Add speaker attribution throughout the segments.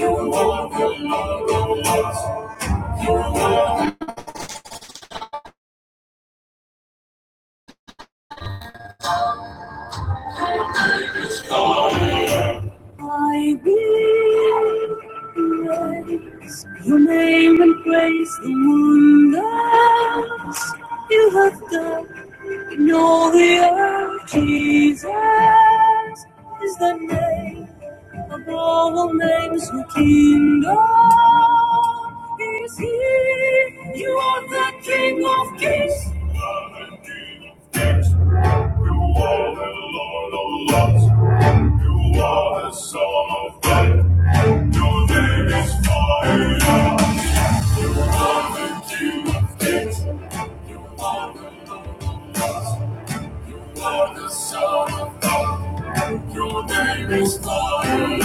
Speaker 1: I realize your name and praise the wonders you have done in all the earth. Jesus is the name of all names, your kingdom is here. You are the King of Kings. Your name is fire.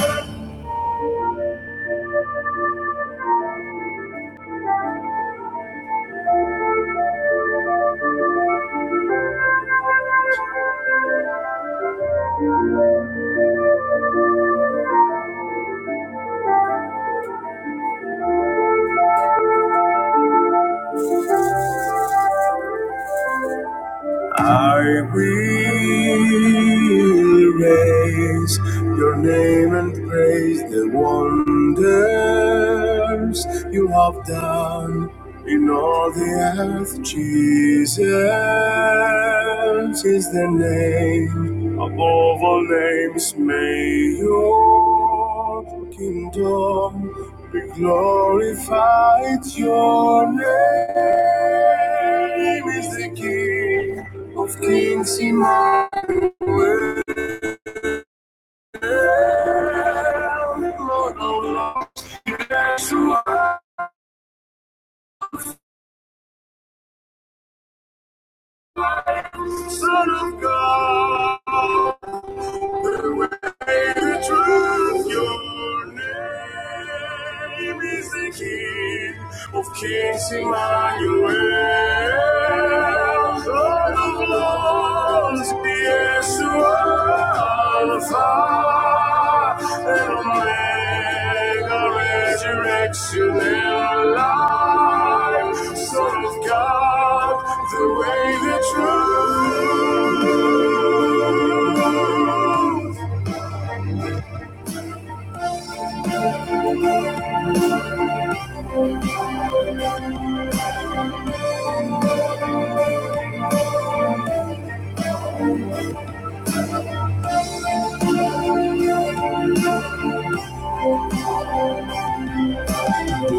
Speaker 1: I will raise your name and praise the wonders you have done in all the earth, Jesus is the name above all names. May your kingdom be glorified. Your name is the King of Kings, Emmanuel, Lord of Lords, Yeshua, Son of God. Of kings Emmanuel, Lord of lords, yes, Alpha and Omega, resurrection and Son of God, the way, the truth.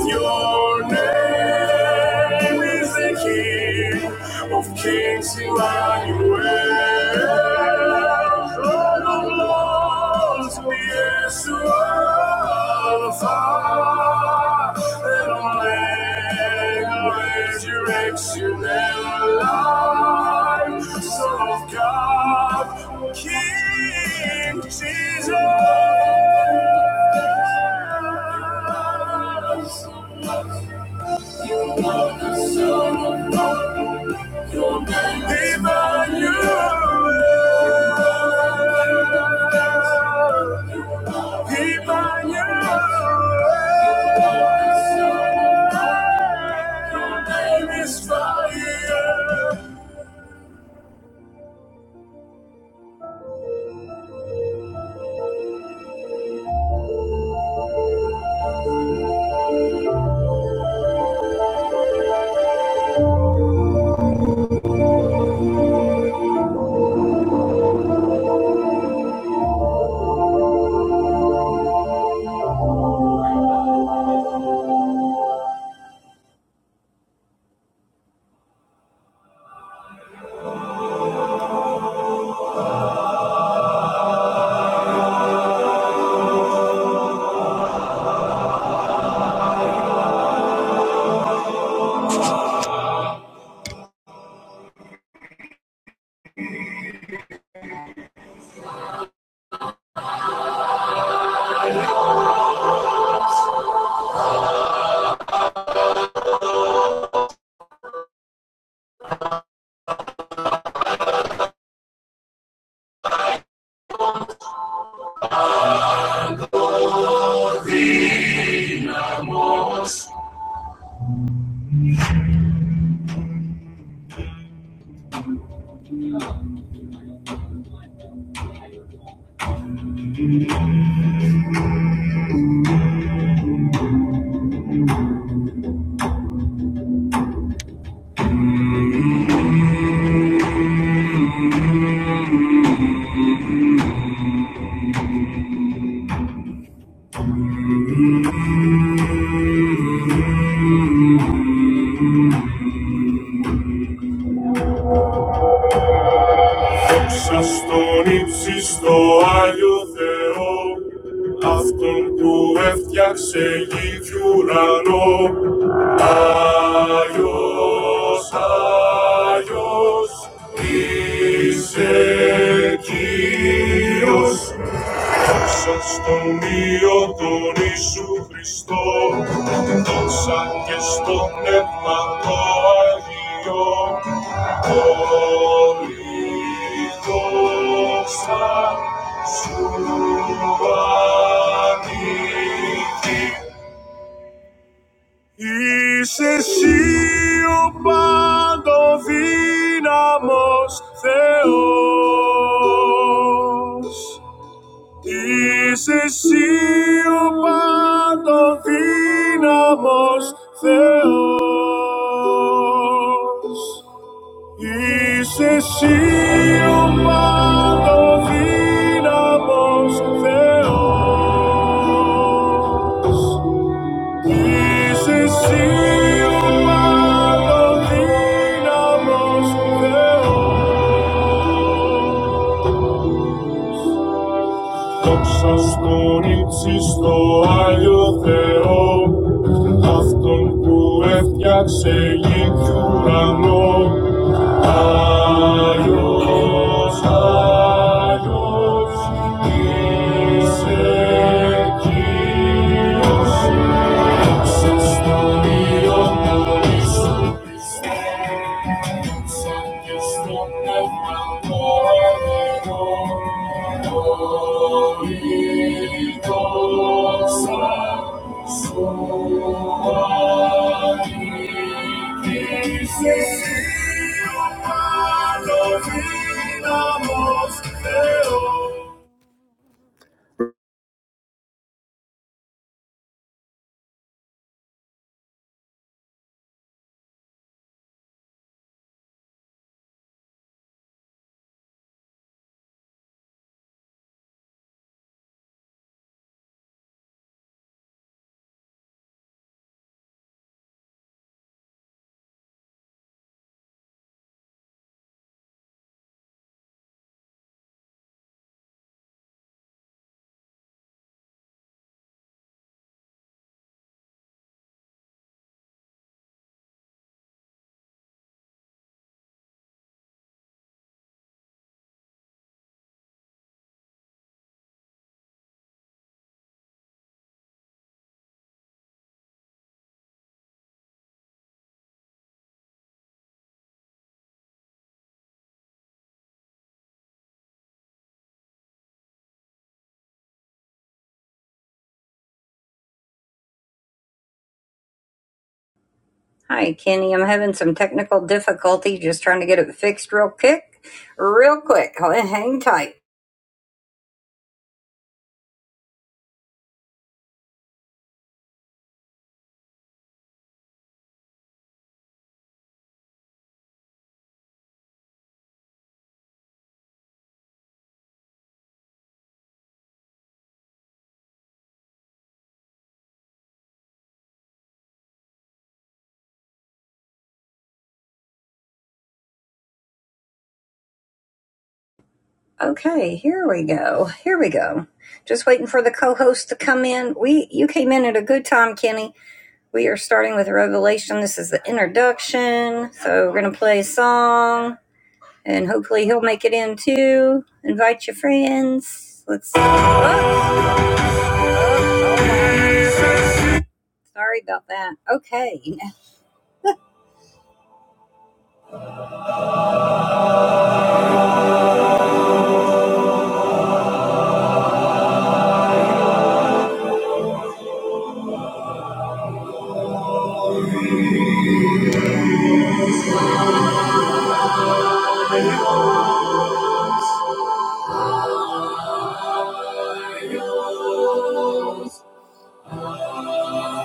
Speaker 1: Your name is the King of Kings, Emmanuel. Lord of Lords, Yeshua, Alpha and Omega, Resurrection and Life, Son of God, King Jesus. You are the Son of God. Your name is Emmanuel. Emmanuel. Your name is fire. Εξαστον ύψιστο Άγιο Θεό, Αυτόν που έφτιαξε γη κι ουρανό. Άγιος, Άγιος, είσαι Κύριος, Ses ton io ton Isu Christo, ton sakiston ne patoi olim tosa sou agiti. Ise si opadovina mos Theos. Ισεσίου πάντων δύναμος Θεός. Ισεσίου πάντων δύναμος Θεός. Ισεσίου πάντων δύναμος Θεός. Δόξα στον ύψιστο Άγιο Θεό, Αυτόν που έφτιαξε γη και ουρανό. Άγιος, Άγιος, είσαι Κύριος, δόξα στον Υιόν τον Ιησού Χριστό. Hi, Kenny. I'm having some technical difficulty. Just trying to get it fixed real quick. Real quick. Hang tight. Okay, here we go. Here we go. Just waiting for the co-host to come in. We you came in at a good time, Kenny. We are starting with Revelation. This is the introduction. So we're gonna play a song and hopefully he'll make it in too. Invite your friends. Let's Oops. Oh, oh, oh, oh. sorry about that. Okay. I yours,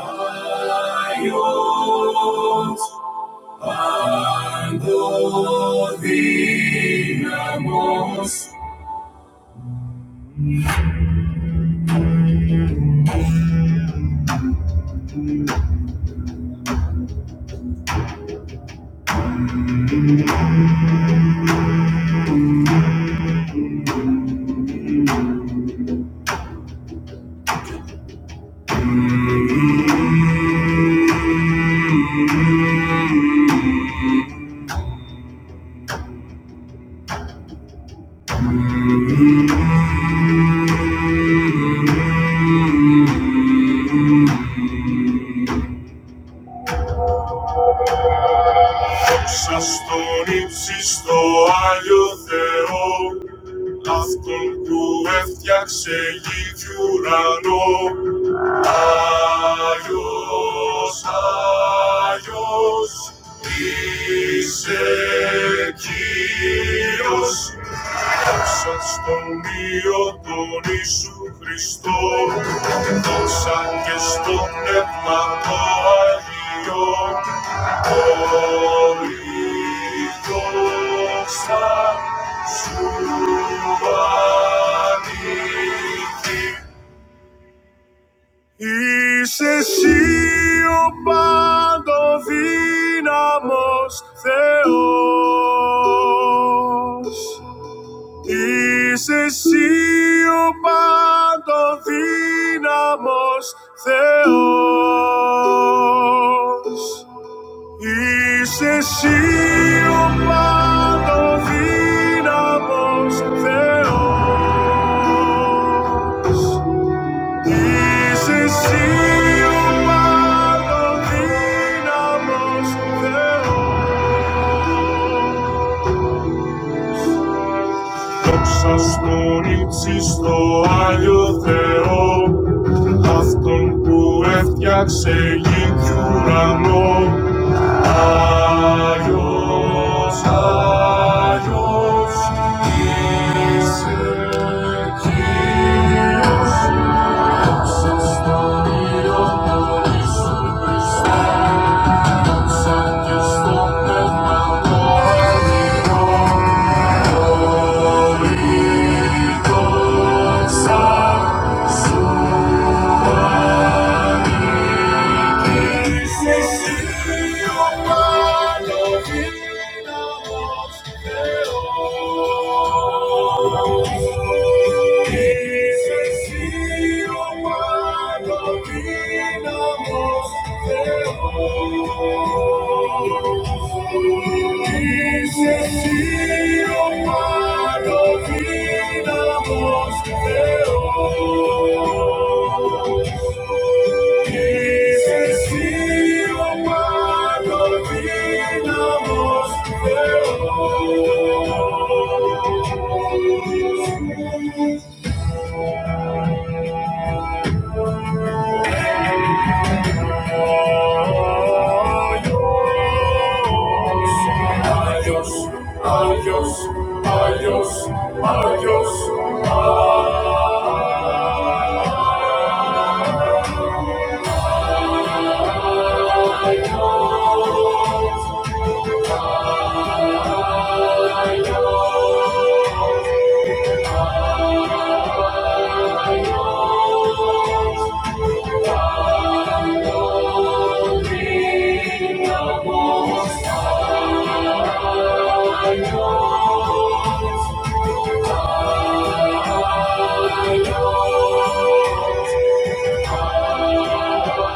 Speaker 1: I yours. Cuando digamos Σαστον ύψιστο Άγιο Θεό, αυτόν που έφτιαξε γη κι ουρανό. Ayos, ayos, Isekios, Δόξα στον Υιό τον Ιησού Χριστό, δόξα και στο Πνεύμα το Αγίο. Όλη σου ανήκει, is he the one who gives us the answers? Is he the one who gives us the answers? Is he the one who gives us the answers? Dices sí, humano, dinamos teo. Doxas noricis το Άγιο Θεό, αυτόν που έφτιαξε γη κι ουρανό. Άγιος, Άγιος, είσαι Κύριος, Thank you. my love. Thank you. Jesus, you are the Adiós, adiós, adiós, adiós, adiós, adiós. Thank you.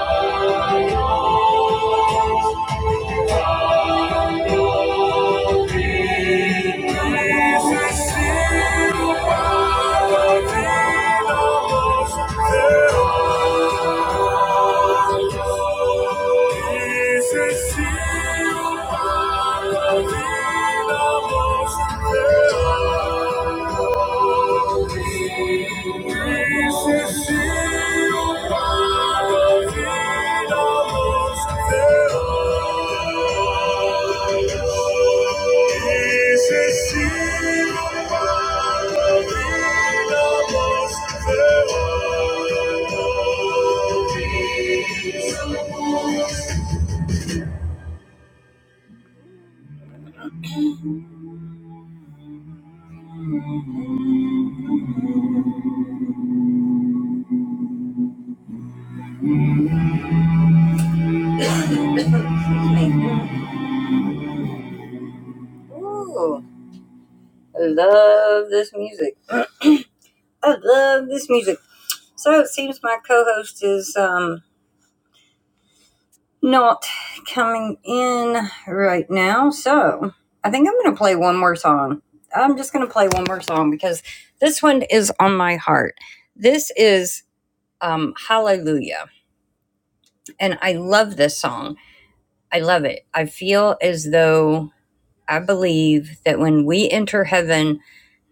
Speaker 1: Thank you. Ooh, I love this music. I love this music. So it seems my co-host is um not coming in right now. So I think I'm going to play one more song. I'm just going to play one more song because this one is on my heart. This is um, Hallelujah. And I love this song. I love it. I feel as though I believe that when we enter heaven,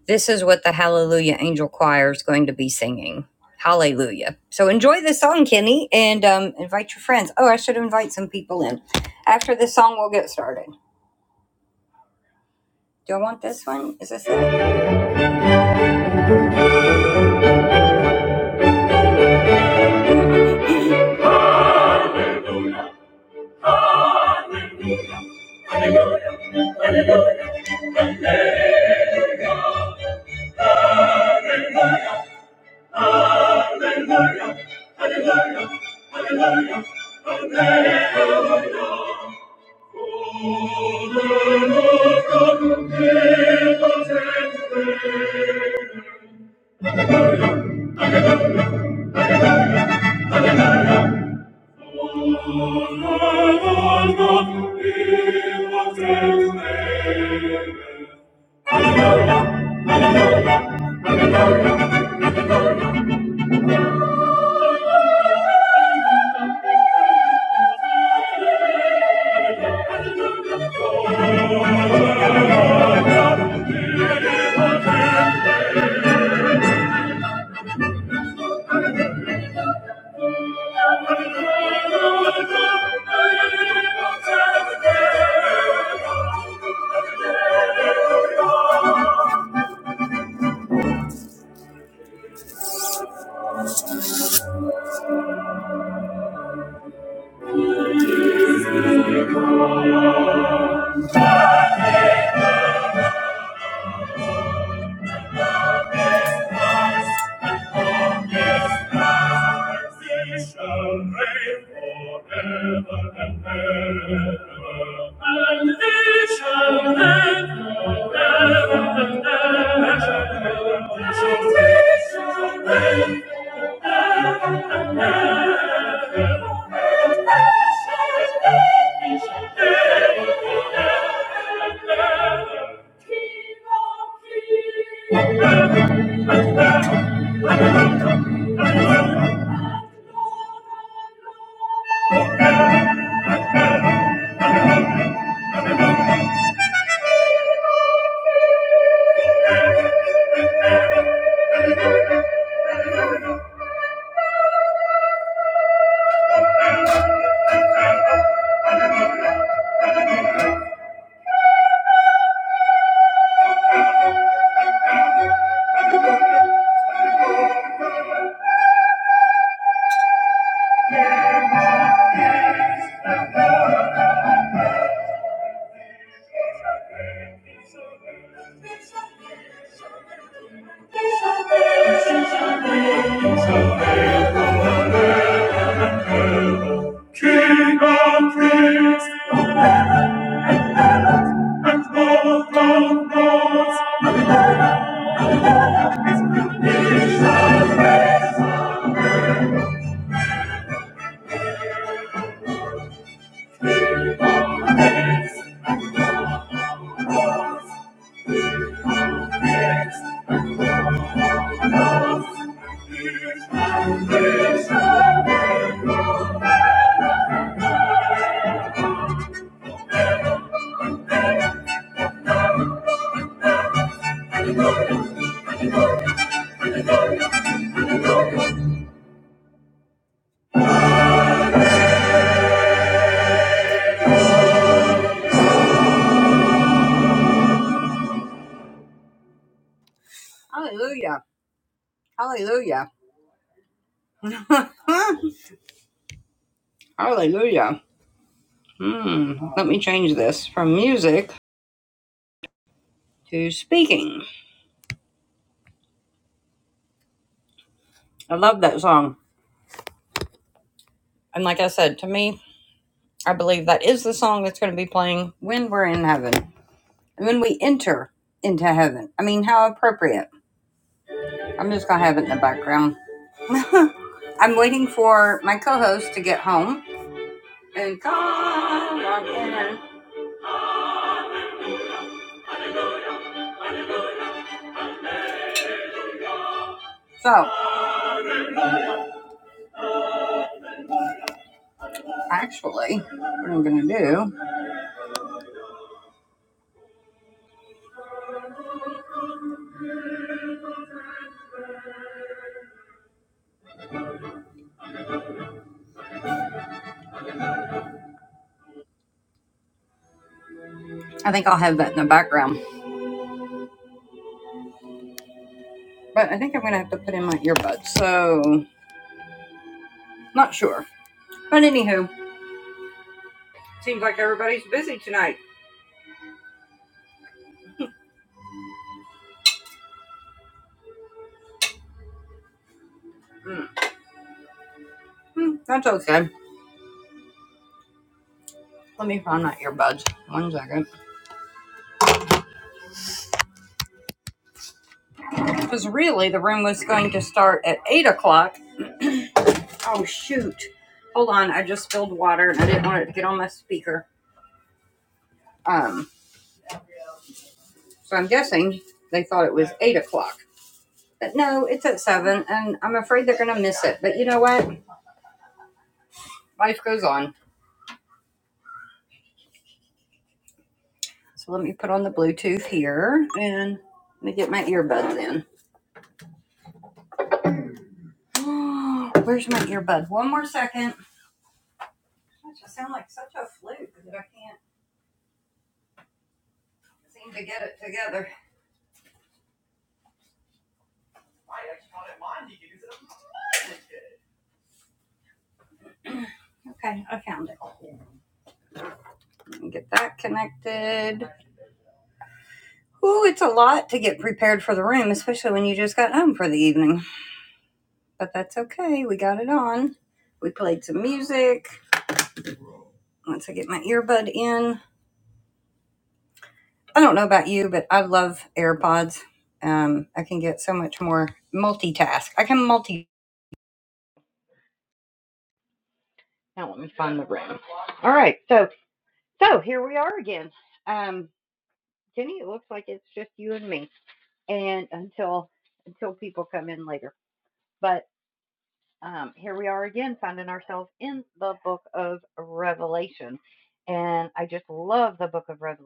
Speaker 1: this is what the Hallelujah Angel Choir is going to be singing. Hallelujah. So enjoy the song, Kenny, and um, invite your friends. Oh, I should invite some people in. After this song, we'll get started. Do I want this one? Is this it? He shall reign forever and ever. And he shall reign forever and ever. And he shall reign forever and ever. King of kings, He shall reign. He shall reign. King of kings. Hallelujah. Hallelujah. Hallelujah. Hmm. Let me change this from music to speaking. I love that song. And like I said, to me, I believe that is the song that's going to be playing when we're in heaven, And when we enter into heaven. I mean, how appropriate. I'm just going to have it in the background. I'm waiting for my co host to get home and come on in. So, actually, what I'm going to do, I think I'll have that in the background, but I think I'm going to have to put in my earbuds. So, not sure. But anywho, seems like everybody's busy tonight. Mm. Hmm, That's okay. Let me find my earbuds. One second. Because really, the room was going to start at 8 o'clock. Oh, shoot. Hold on. I just spilled water and I didn't want it to get on my speaker. Um, so I'm guessing they thought it was 8 o'clock. But no, it's at 7, and I'm afraid they're going to miss it. But you know what? Life goes on. So let me put on the Bluetooth here and let me get my earbuds in. Where's my earbud? One more second. Gosh, I sound like such a fluke that I can't seem to get it together. Okay, I found it. Let me get that connected. Ooh, it's a lot to get prepared for the room, especially when you just got home for the evening. But that's okay. We got it on. We played some music. Once I get my earbud in, I don't know about you, but I love AirPods. Um, I can get so much more multitask. I can multi. Now let me find the room. All right, so so here we are again. Um, Jenny, it looks like it's just you and me, and until until people come in later. But um, here we are again, finding ourselves in the book of Revelation, and I just love the book of Revelation.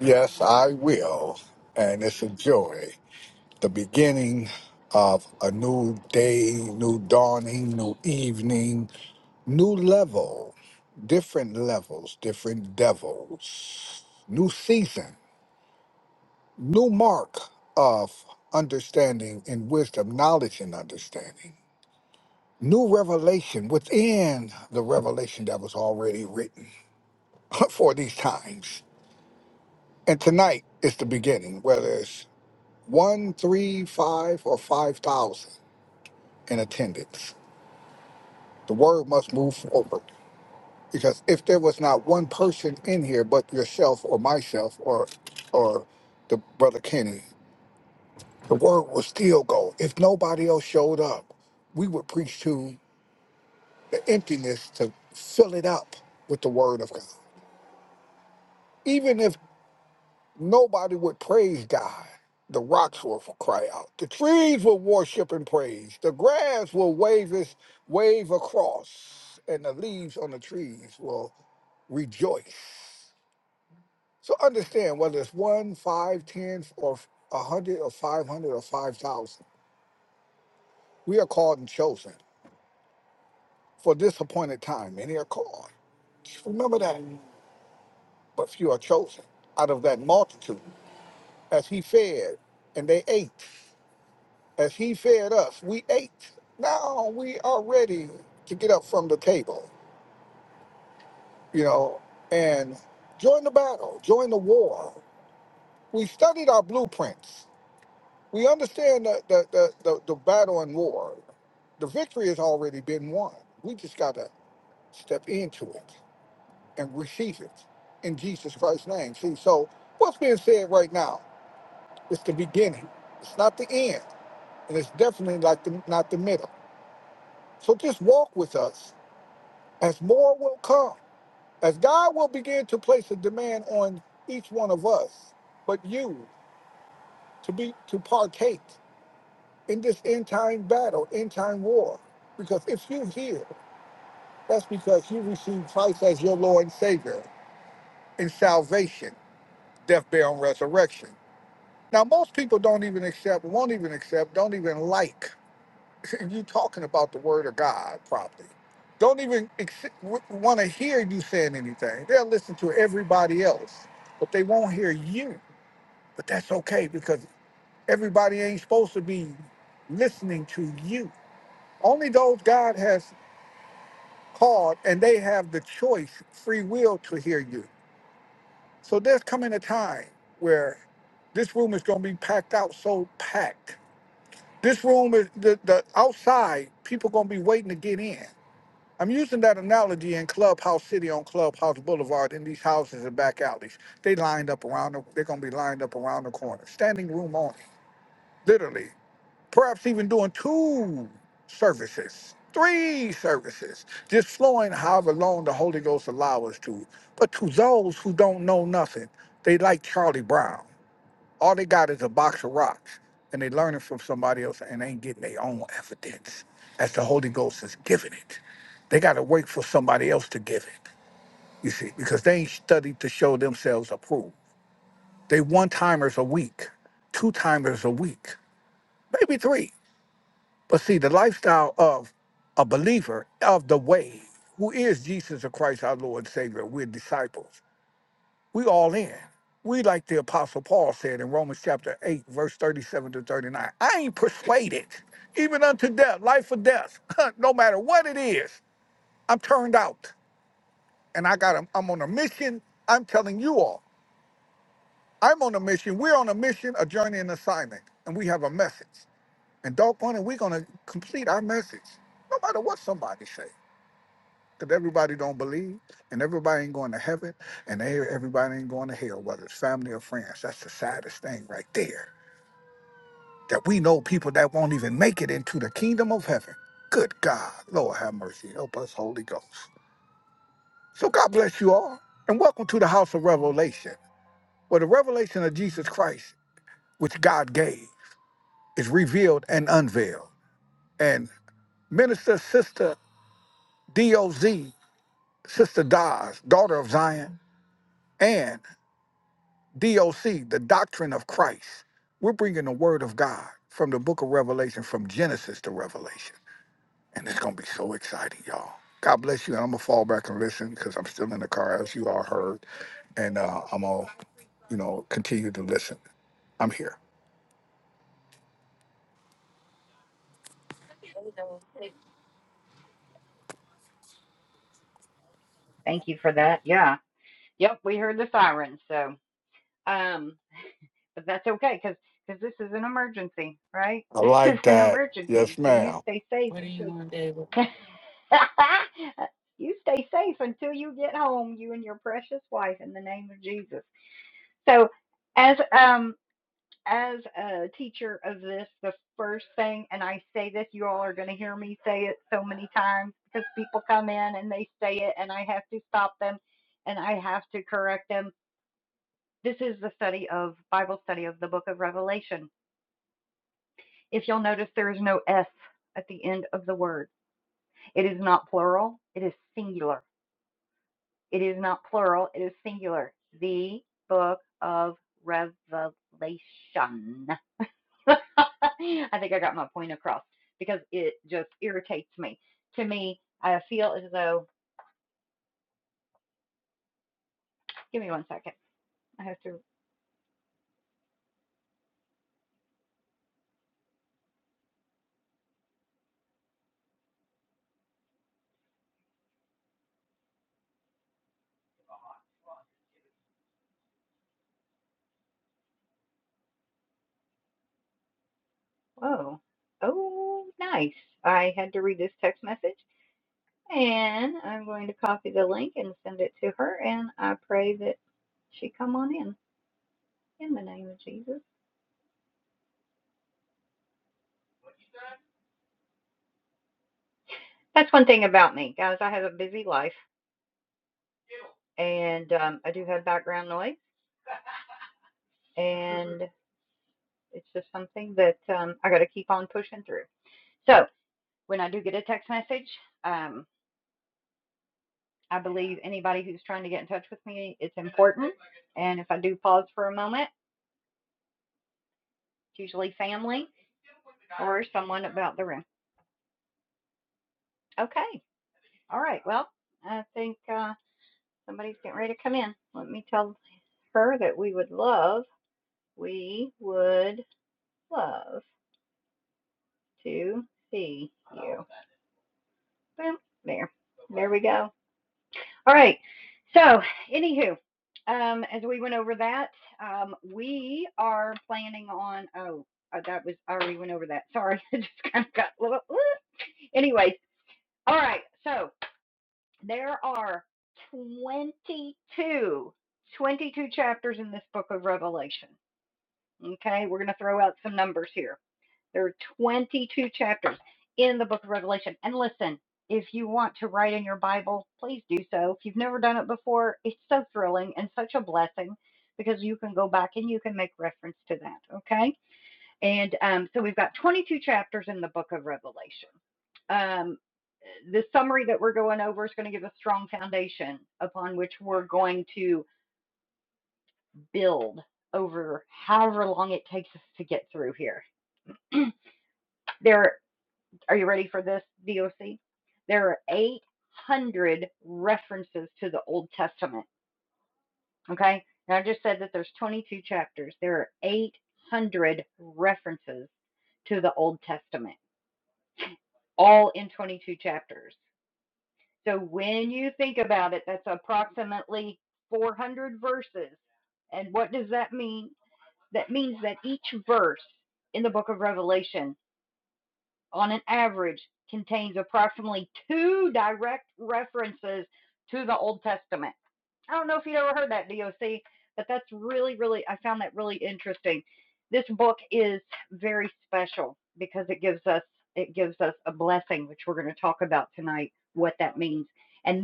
Speaker 2: Yes, I will. And it's a joy. The beginning of a new day, new dawning, new evening, new level, different levels, different devils, new season, new mark of understanding and wisdom, knowledge and understanding. New revelation within the revelation that was already written for these times. And tonight is the beginning, whether it's. one, three, five, or five thousand in attendance. The word must move forward because if there was not one person in here but yourself or myself or or the brother Kenny, the word will still go. If nobody else showed up, we would preach to the emptiness to fill it up with the word of God. even if. Nobody would praise God. The rocks will cry out. The trees will worship and praise. The grass will wave its wave across, and the leaves on the trees will rejoice. So understand whether it's one, five, ten, or a hundred, or five hundred, or five thousand. We are called and chosen for this appointed time. Many are called. Just remember that. But few are chosen out of that multitude, as he fed and they ate. As he fed us, we ate. Now we are ready to get up from the table, you know, and join the battle, join the war. We studied our blueprints. We understand the, the, the, the, the battle and war. The victory has already been won. We just got to step into it and receive it in Jesus Christ's name. See, so what's being said right now is the beginning, it's not the end, and it's definitely like the, not the middle. So just walk with us as more will come, as God will begin to place a demand on each one of us, but you to be to partake in this end time battle, end time war. Because if you're here, that's because you received Christ as your Lord and Savior in salvation, death, burial, and resurrection. Now, most people don't even accept, won't even accept, don't even like and you talking about the word of God properly. Don't even want to hear you saying anything. They'll listen to everybody else, but they won't hear you. But that's okay because everybody ain't supposed to be listening to you. Only those God has called and they have the choice, free will to hear you. So there's coming a time where this room is going to be packed out so packed. This room is the, the outside, people going to be waiting to get in I'm using that analogy in Clubhouse City on Clubhouse Boulevard in these houses and back alleys. They lined up around, the, they're going to be lined up around the corner, standing room only, literally. Perhaps even doing two services, three services, just flowing however long the Holy Ghost allows us to. But to those who don't know nothing, they like Charlie Brown. All they got is a box of rocks, and they learning from somebody else and ain't getting their own evidence as the Holy Ghost is giving it. They got to wait for somebody else to give it, you see, because they ain't studied to show themselves approved. They one timers a week, two timers a week, maybe three. But see, the lifestyle of a believer of the way, who is Jesus of Christ, our Lord and Savior, we're disciples. We all in. We like the apostle Paul said in Romans chapter 8, verse 37 to 39. I ain't persuaded, even unto death, life or death, no matter what it is, I'm turned out. And I got i am on a mission. I'm telling you all, I'm on a mission. We're on a mission, a journey, an assignment, and we have a message. And doggone it, we're gonna complete our message, no matter what somebody say. Because everybody don't believe, and everybody ain't going to heaven, and they- everybody ain't going to hell, whether it's family or friends. That's the saddest thing right there. That we know people that won't even make it into the kingdom of heaven. Good God, Lord have mercy, help us, Holy Ghost. So God bless you all, and welcome to the house of revelation, where the revelation of Jesus Christ, which God gave, is revealed and unveiled. And Minister Sister DOZ, Sister Dawes, daughter of Zion, and. DOC, the doctrine of Christ. We're bringing the word of God from the book of Revelation, from Genesis to Revelation. And it's going to be so exciting, y'all. God bless you. And I'm going to fall back and listen because I'm still in the car, as you all heard. And uh, I'm going to, you know, continue to listen. I'm here. I like that. Yes, ma'am. What do you want,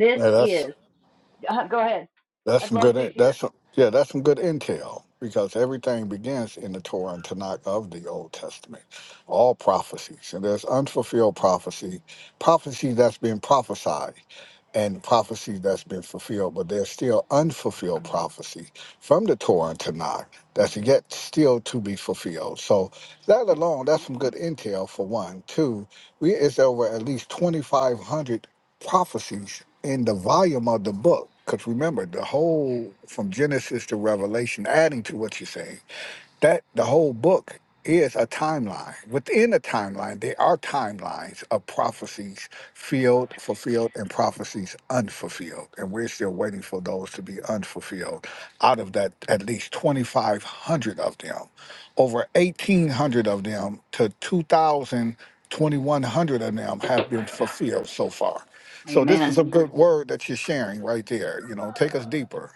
Speaker 2: David? That's some good. That's some, yeah. That's some good intel because everything begins in the Torah and Tanakh of the Old Testament. All prophecies and there's unfulfilled prophecy, prophecy that's been prophesied, and prophecy that's been fulfilled. But there's still unfulfilled prophecy from the Torah and Tanakh that's yet still to be fulfilled. So that alone, that's some good intel for one. Two, we it's over at least 2,500 prophecies in the volume of the book. Because remember, the whole from Genesis to Revelation, adding to what you're saying, that the whole book is a timeline. Within a timeline, there are timelines of prophecies filled, fulfilled, and prophecies unfulfilled. And we're still waiting for those to be unfulfilled. Out of that, at least 2,500 of them, over 1,800 of them to 2,000 2,100 of them have been fulfilled so far. So this is a good word that you're sharing right there. You know, take us deeper.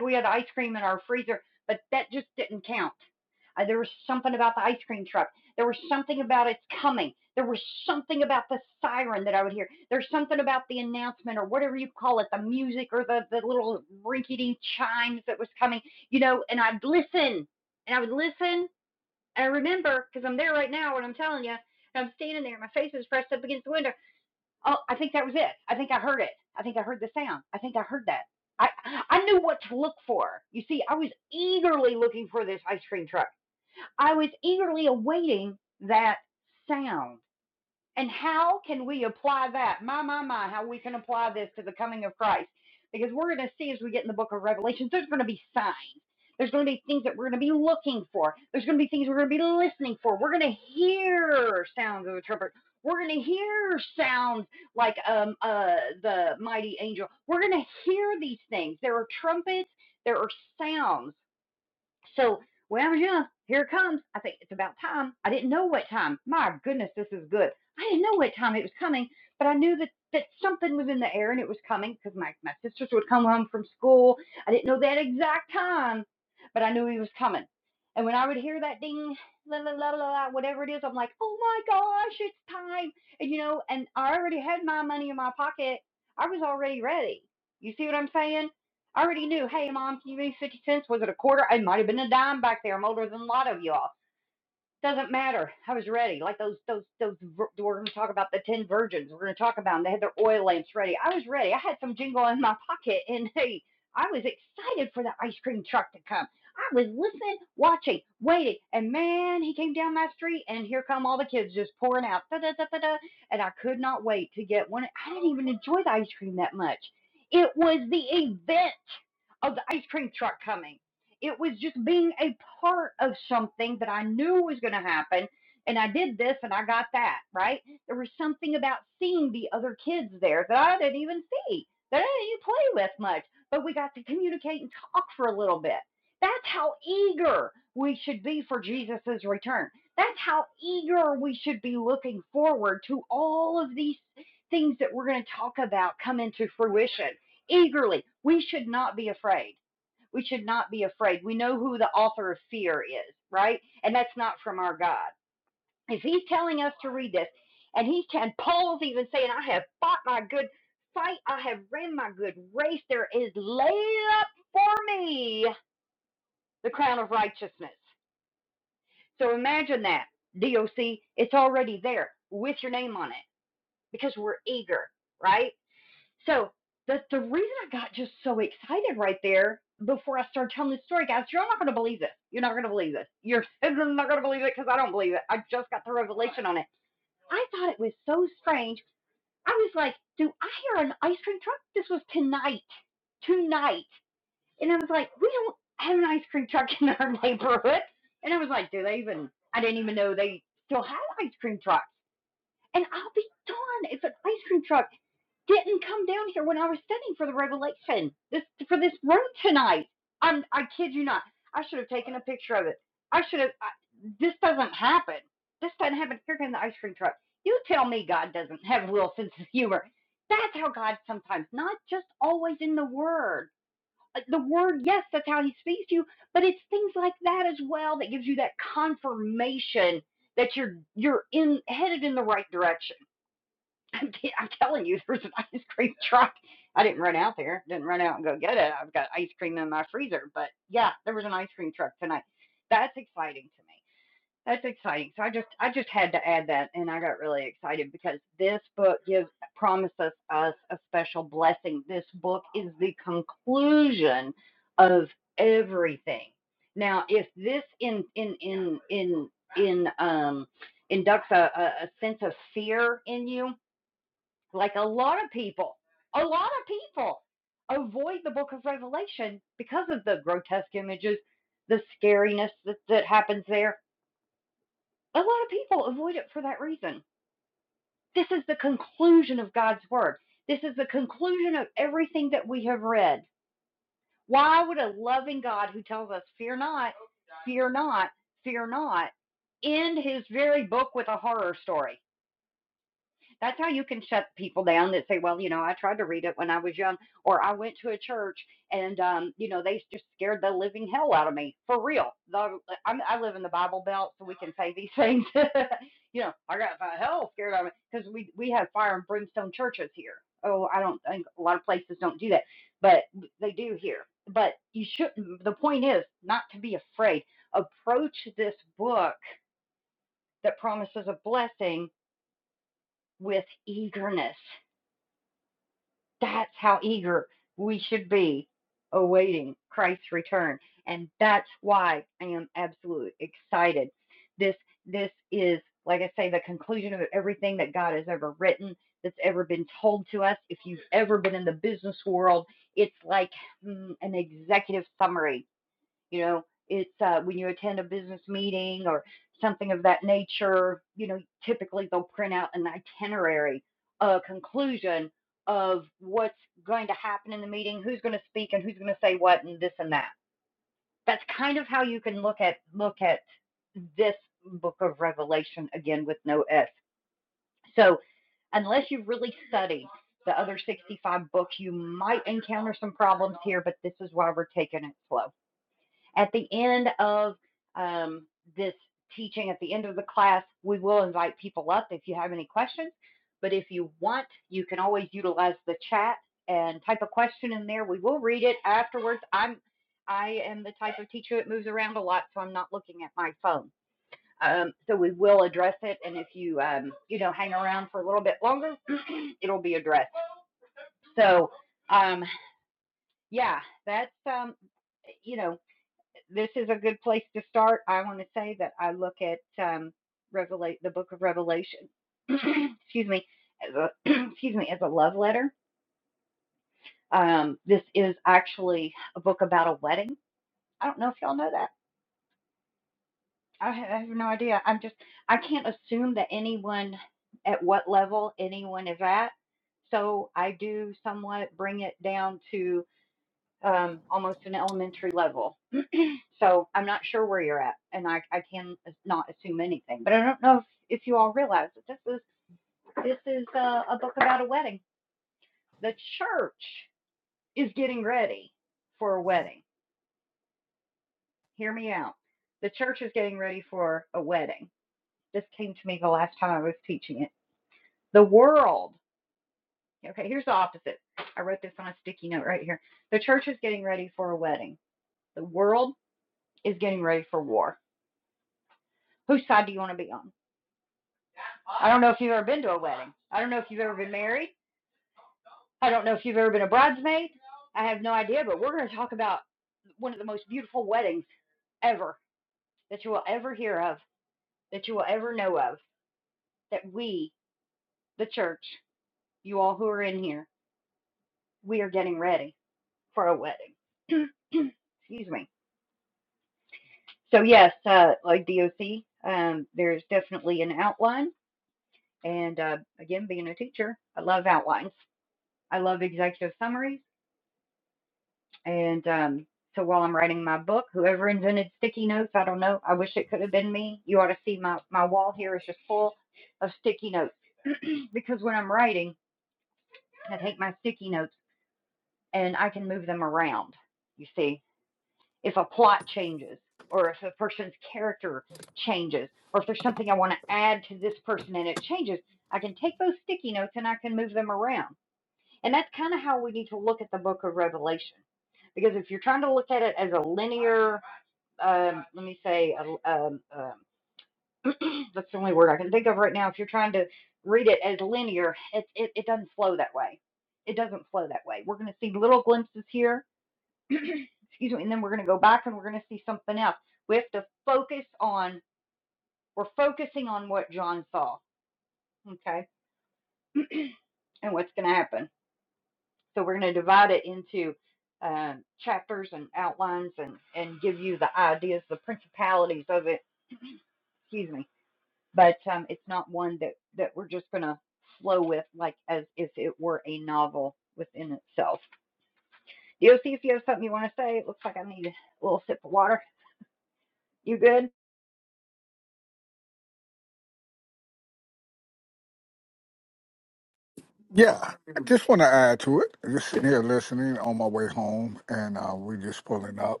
Speaker 2: Yeah, I just want to add to it. Just sitting here listening on my way home, and uh, we just pulling up,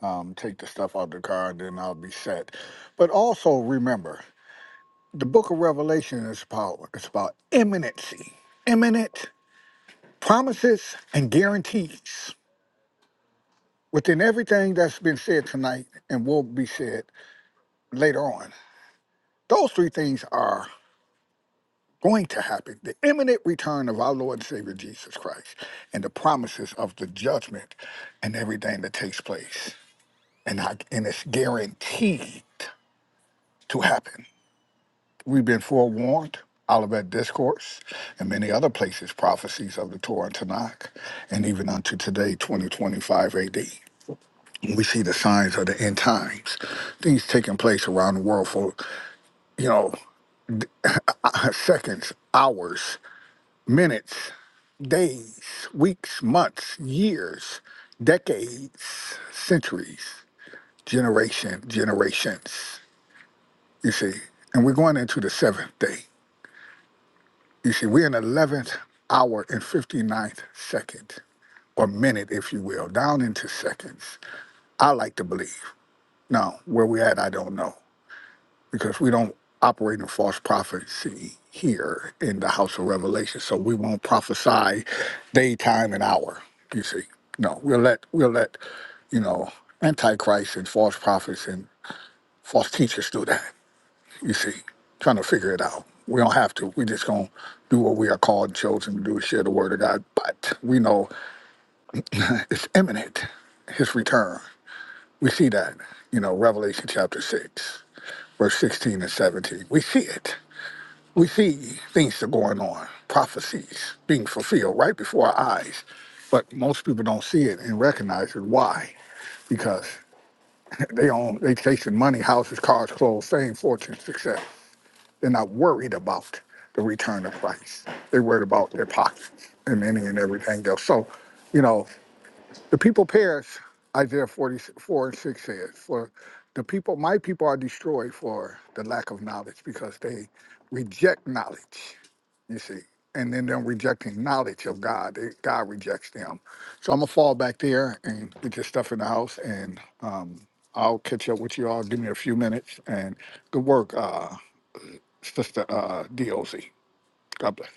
Speaker 2: um, take the stuff out the car, then I'll be set. But also remember, the Book of Revelation is about it's about imminency, imminent promises and guarantees within everything that's been said tonight and will be said later on. Those three things are going to happen the imminent return of our Lord and Savior Jesus Christ and the promises of the judgment and everything that takes place. And, I, and it's guaranteed to happen. We've been forewarned. Olivet Discourse and many other places, prophecies of the Torah and Tanakh, and even unto today, 2025 AD. We see the signs of the end times, things taking place around the world for, you know, seconds, hours. minutes, days, weeks, months, years, decades, centuries, generation, generations. You see, and we're going into the seventh day. You see, we're in 11th hour and fifty-ninth second, or minute, if you will, down into seconds. I like to believe. Now, where we at, I don't know. because we don't operate in false prophecy here in the house of revelation so we won't prophesy daytime and hour you see no we'll let we'll let you know antichrist and false prophets and false teachers do that you see trying to figure it out we don't have to we just gonna do what we are called and chosen to do share the word of god but we know it's imminent his return we see that you know revelation chapter 6 verse 16 and 17 we see it We see things that are going on, prophecies being fulfilled right before our eyes, but most people don't see it and recognize it. Why? Because they own they chasing money, houses, cars, clothes, fame, fortune, success. They're not worried about the return of Christ. They're worried about their pockets and any and everything else. So, you know. The people perish, Isaiah 44 and 6 says, for the people, my people are destroyed for the lack of knowledge because they reject knowledge, you see. And then them rejecting knowledge of God, they, God rejects them. So I'm gonna fall back there and get your stuff in the house, and um, I'll catch up with you all. Give me a few minutes, and good work, uh, Sister uh, DOZ. God bless.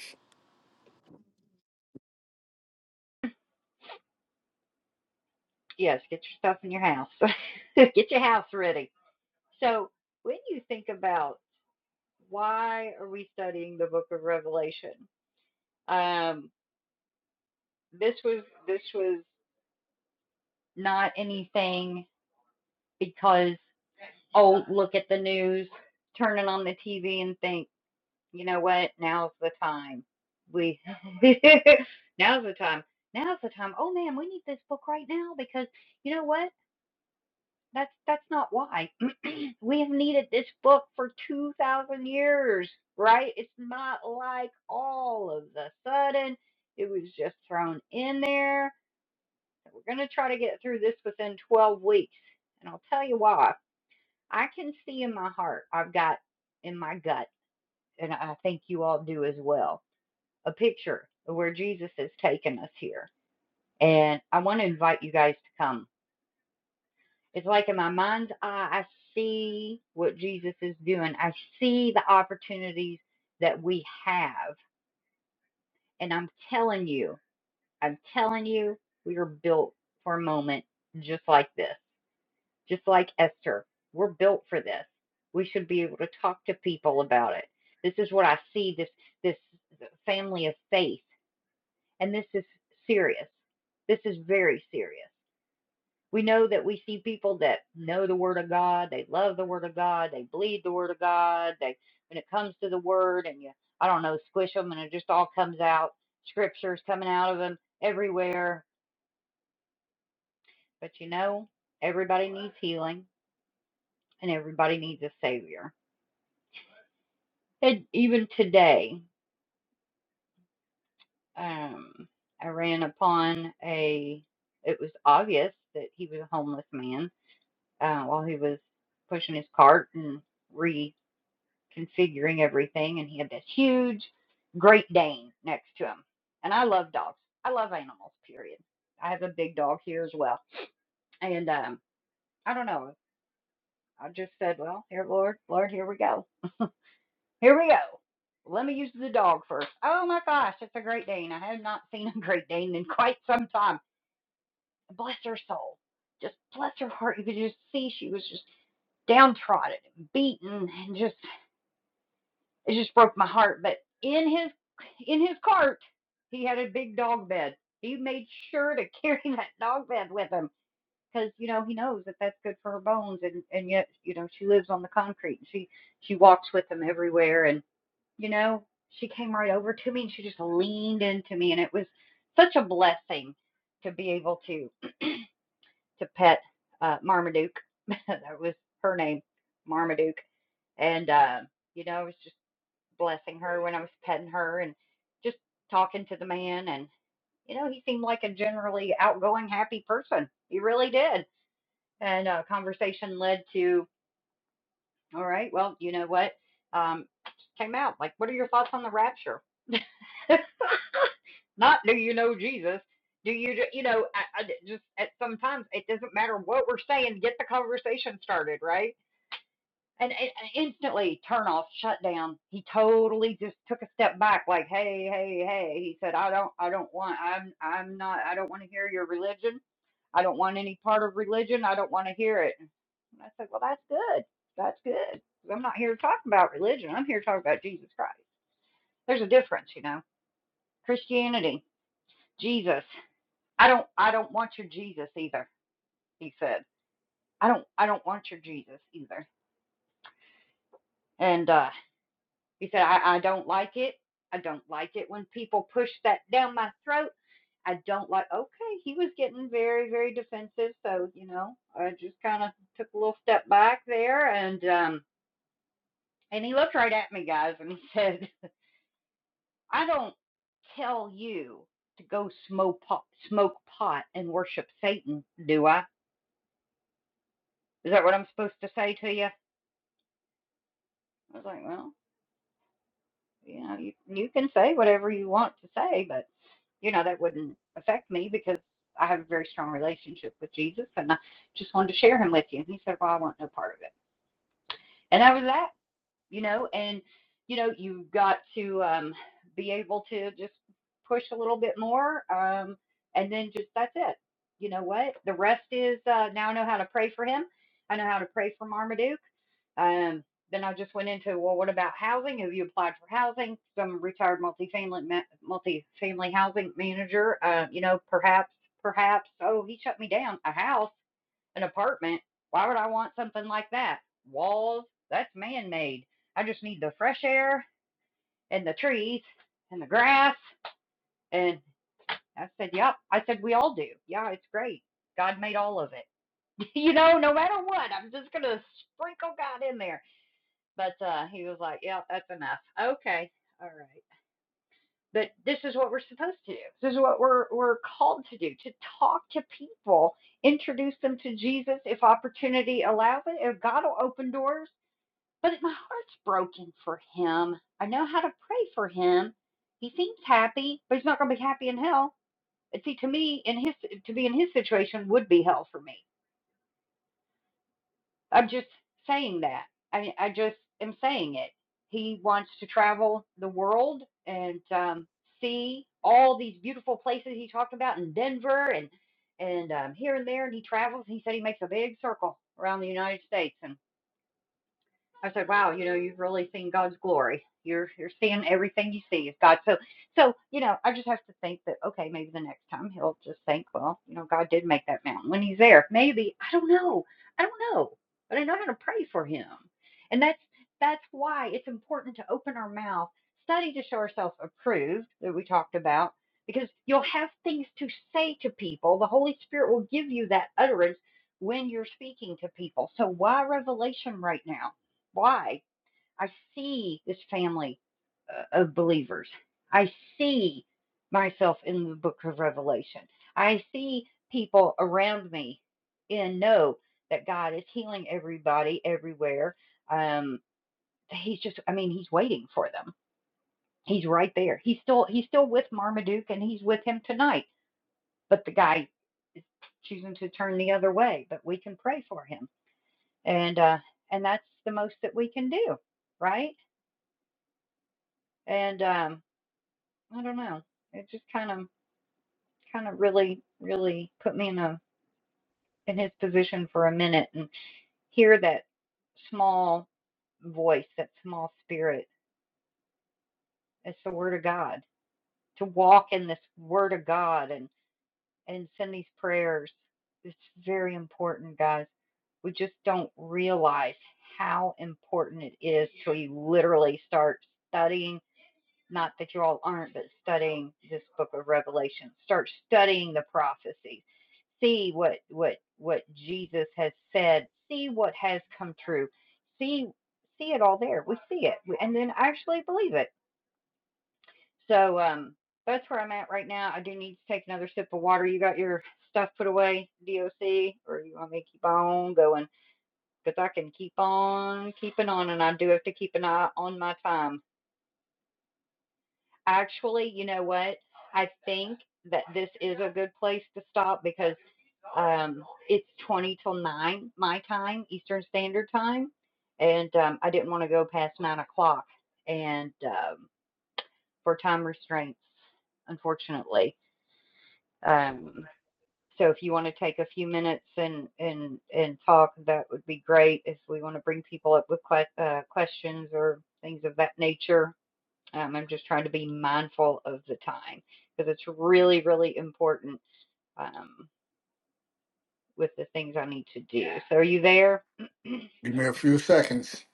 Speaker 2: Give me a few seconds.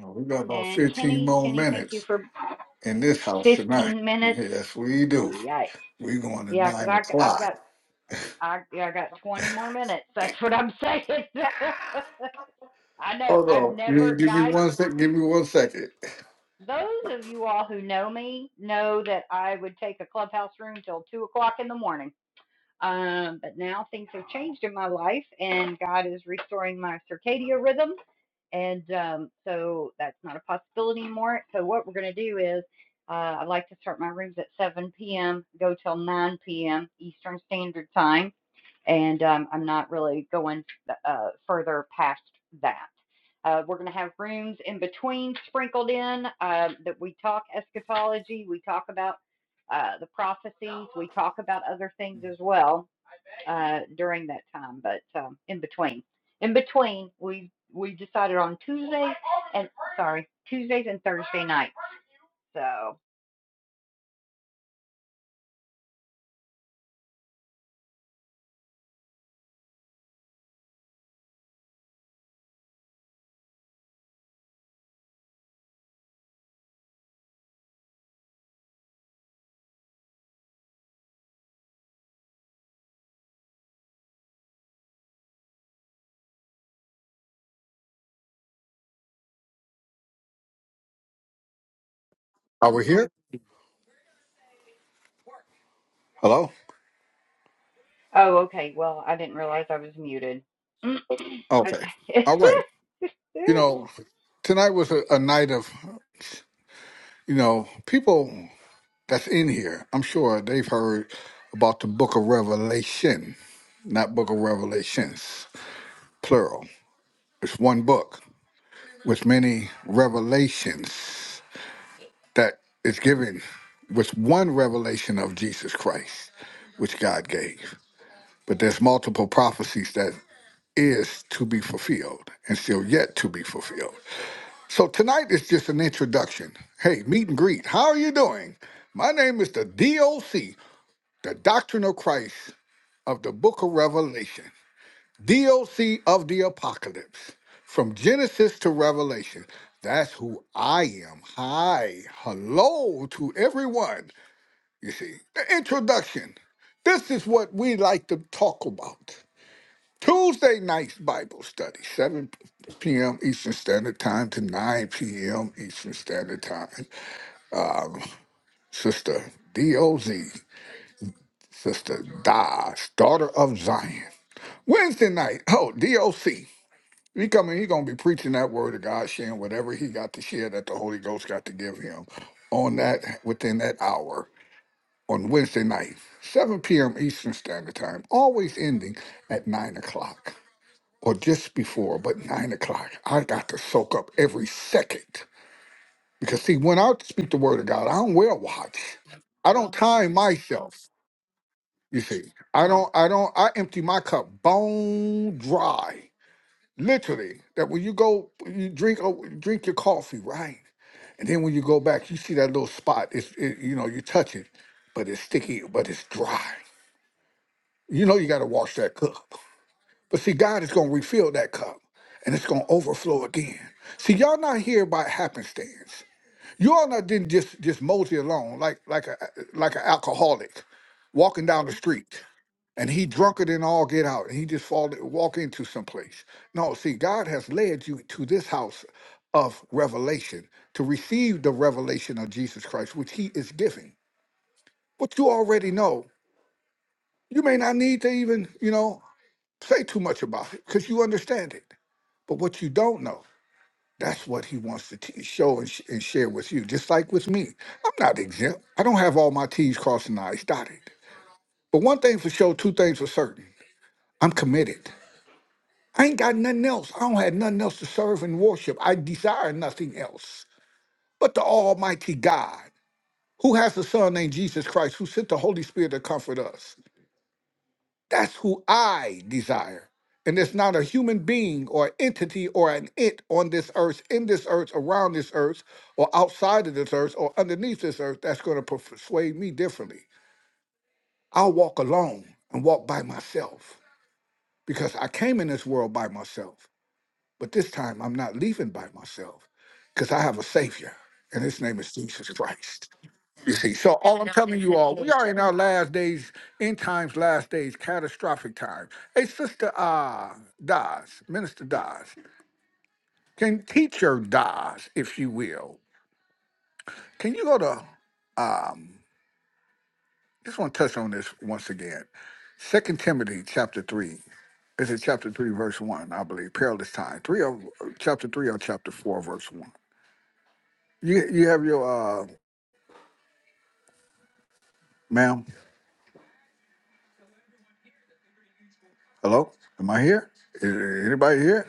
Speaker 2: We got about 15 more minutes. in this house tonight. Yes, we do. We going to nine o'clock. Hold on. You Give me one sec. Give me one second. Are we here? Hello. Okay. All right. You know, tonight was a, a night of, you know, people that's in here. I'm sure they've heard about the Book of Revelation, not Book of Revelations, plural. It's one book with many revelations. that is given was one revelation of Jesus Christ, which God gave. But there's multiple prophecies that is to be fulfilled and still yet to be fulfilled. So tonight is just an introduction. Hey, meet and greet. How are you doing? My name is the DOC, the Doctrine of Christ of the Book of Revelation, DOC of the Apocalypse, from Genesis to Revelation. That's who I am. Hi, hello to everyone. You see, the introduction. This is what we like to talk about. Tuesday night's Bible study, 7 p.m. Eastern Standard Time to 9 p.m. Eastern Standard Time. Sister DOZ, Sister Daz, daughter of Zion. Wednesday night, oh, DOC. He coming, he gonna be preaching that word of God, sharing whatever he got to share that the Holy Ghost got to give him on that within that hour. on Wednesday night, 7 p.m. Eastern Standard Time, always ending at 9 o'clock or just before, but 9 o'clock. I got to soak up every second because, see, when I speak the word of God, I don't wear a watch. I don't time myself. You see, I don't, I don't, I empty my cup bone dry, literally. That when you go, you drink, oh, drink your coffee, right? And then when you go back, you see that little spot. It's, it, you know, you touch it, but it's sticky, but it's dry You know you got to wash that cup. But see, God is going to refill that cup and it's going to overflow again. See, y'all not here by happenstance. You all not didn't just just mosey along like like a like an alcoholic walking down the street and he drunken and all get out and he just fall walk into some place. No, see, God has led you to this house of revelation to receive the revelation of Jesus Christ, which He is giving. But you already know. You may not need to even you know say too much about it because you understand it. But what you don't know, that's what he wants to t- show and, sh- and share with you. Just like with me, I'm not exempt. I don't have all my T's crossed and I's dotted. But one thing for sure, two things for certain I'm committed. I ain't got nothing else. I don't have nothing else to serve and worship. I desire nothing else but the Almighty God who has a Son named Jesus Christ who sent the Holy Spirit to comfort us. That's who I desire. And it's not a human being or entity or an it on this earth, in this earth, around this earth, or outside of this earth, or underneath this earth that's going to persuade me differently. I'll walk alone and walk by myself because I came in this world by myself. But this time I'm not leaving by myself because I have a Savior, and His name is Jesus Christ. You see, so all I'm telling you all, we are in our last days, end times, last days, catastrophic time. Hey, Sister uh, Dawes, Minister Dawes, can teacher Dawes, if you will, can you go to, um, just want to touch on this once again. Second Timothy chapter 3, is it chapter 3, verse 1, I believe, perilous time, 3 or chapter 3 or chapter 4, verse 1. You, you have your, uh, ma'am, hello, am I here? Is anybody here?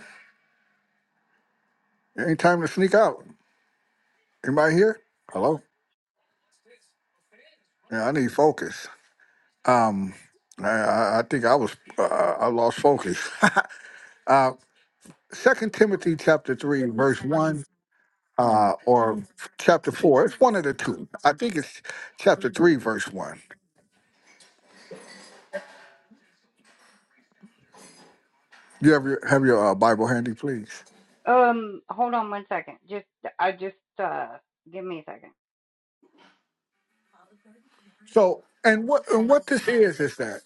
Speaker 2: It ain't time to sneak out. Anybody here? Hello. Yeah, I need focus. Um, I, I I think I was uh, I lost focus. uh, Second Timothy chapter three, verse one, uh, or chapter four. It's one of the two. I think it's chapter three, verse one. You have your have your uh, Bible handy, please. So, and what and what this is is that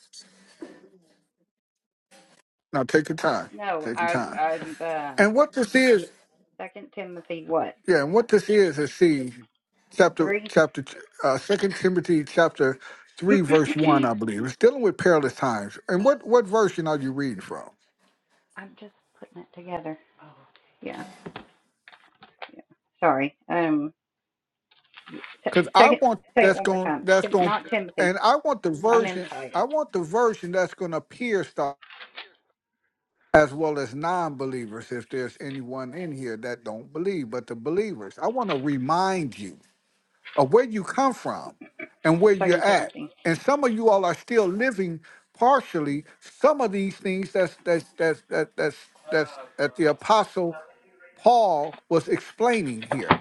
Speaker 2: now take your time, take your time. And what this is Yeah, and what this is is see chapter chapter uh second Timothy chapter three verse one, I believe. It's dealing with perilous times. And what what version are you reading from? Because I want that's going that's going and I want the version I want the version that's going to pierce the as well as non-believers if there's anyone in here that don't believe but the believers i want to remind you of where you come from and where you're at. And some of you all are still living partially some of these things that's that's that's that, that's that's that the apostle Paul was explaining here.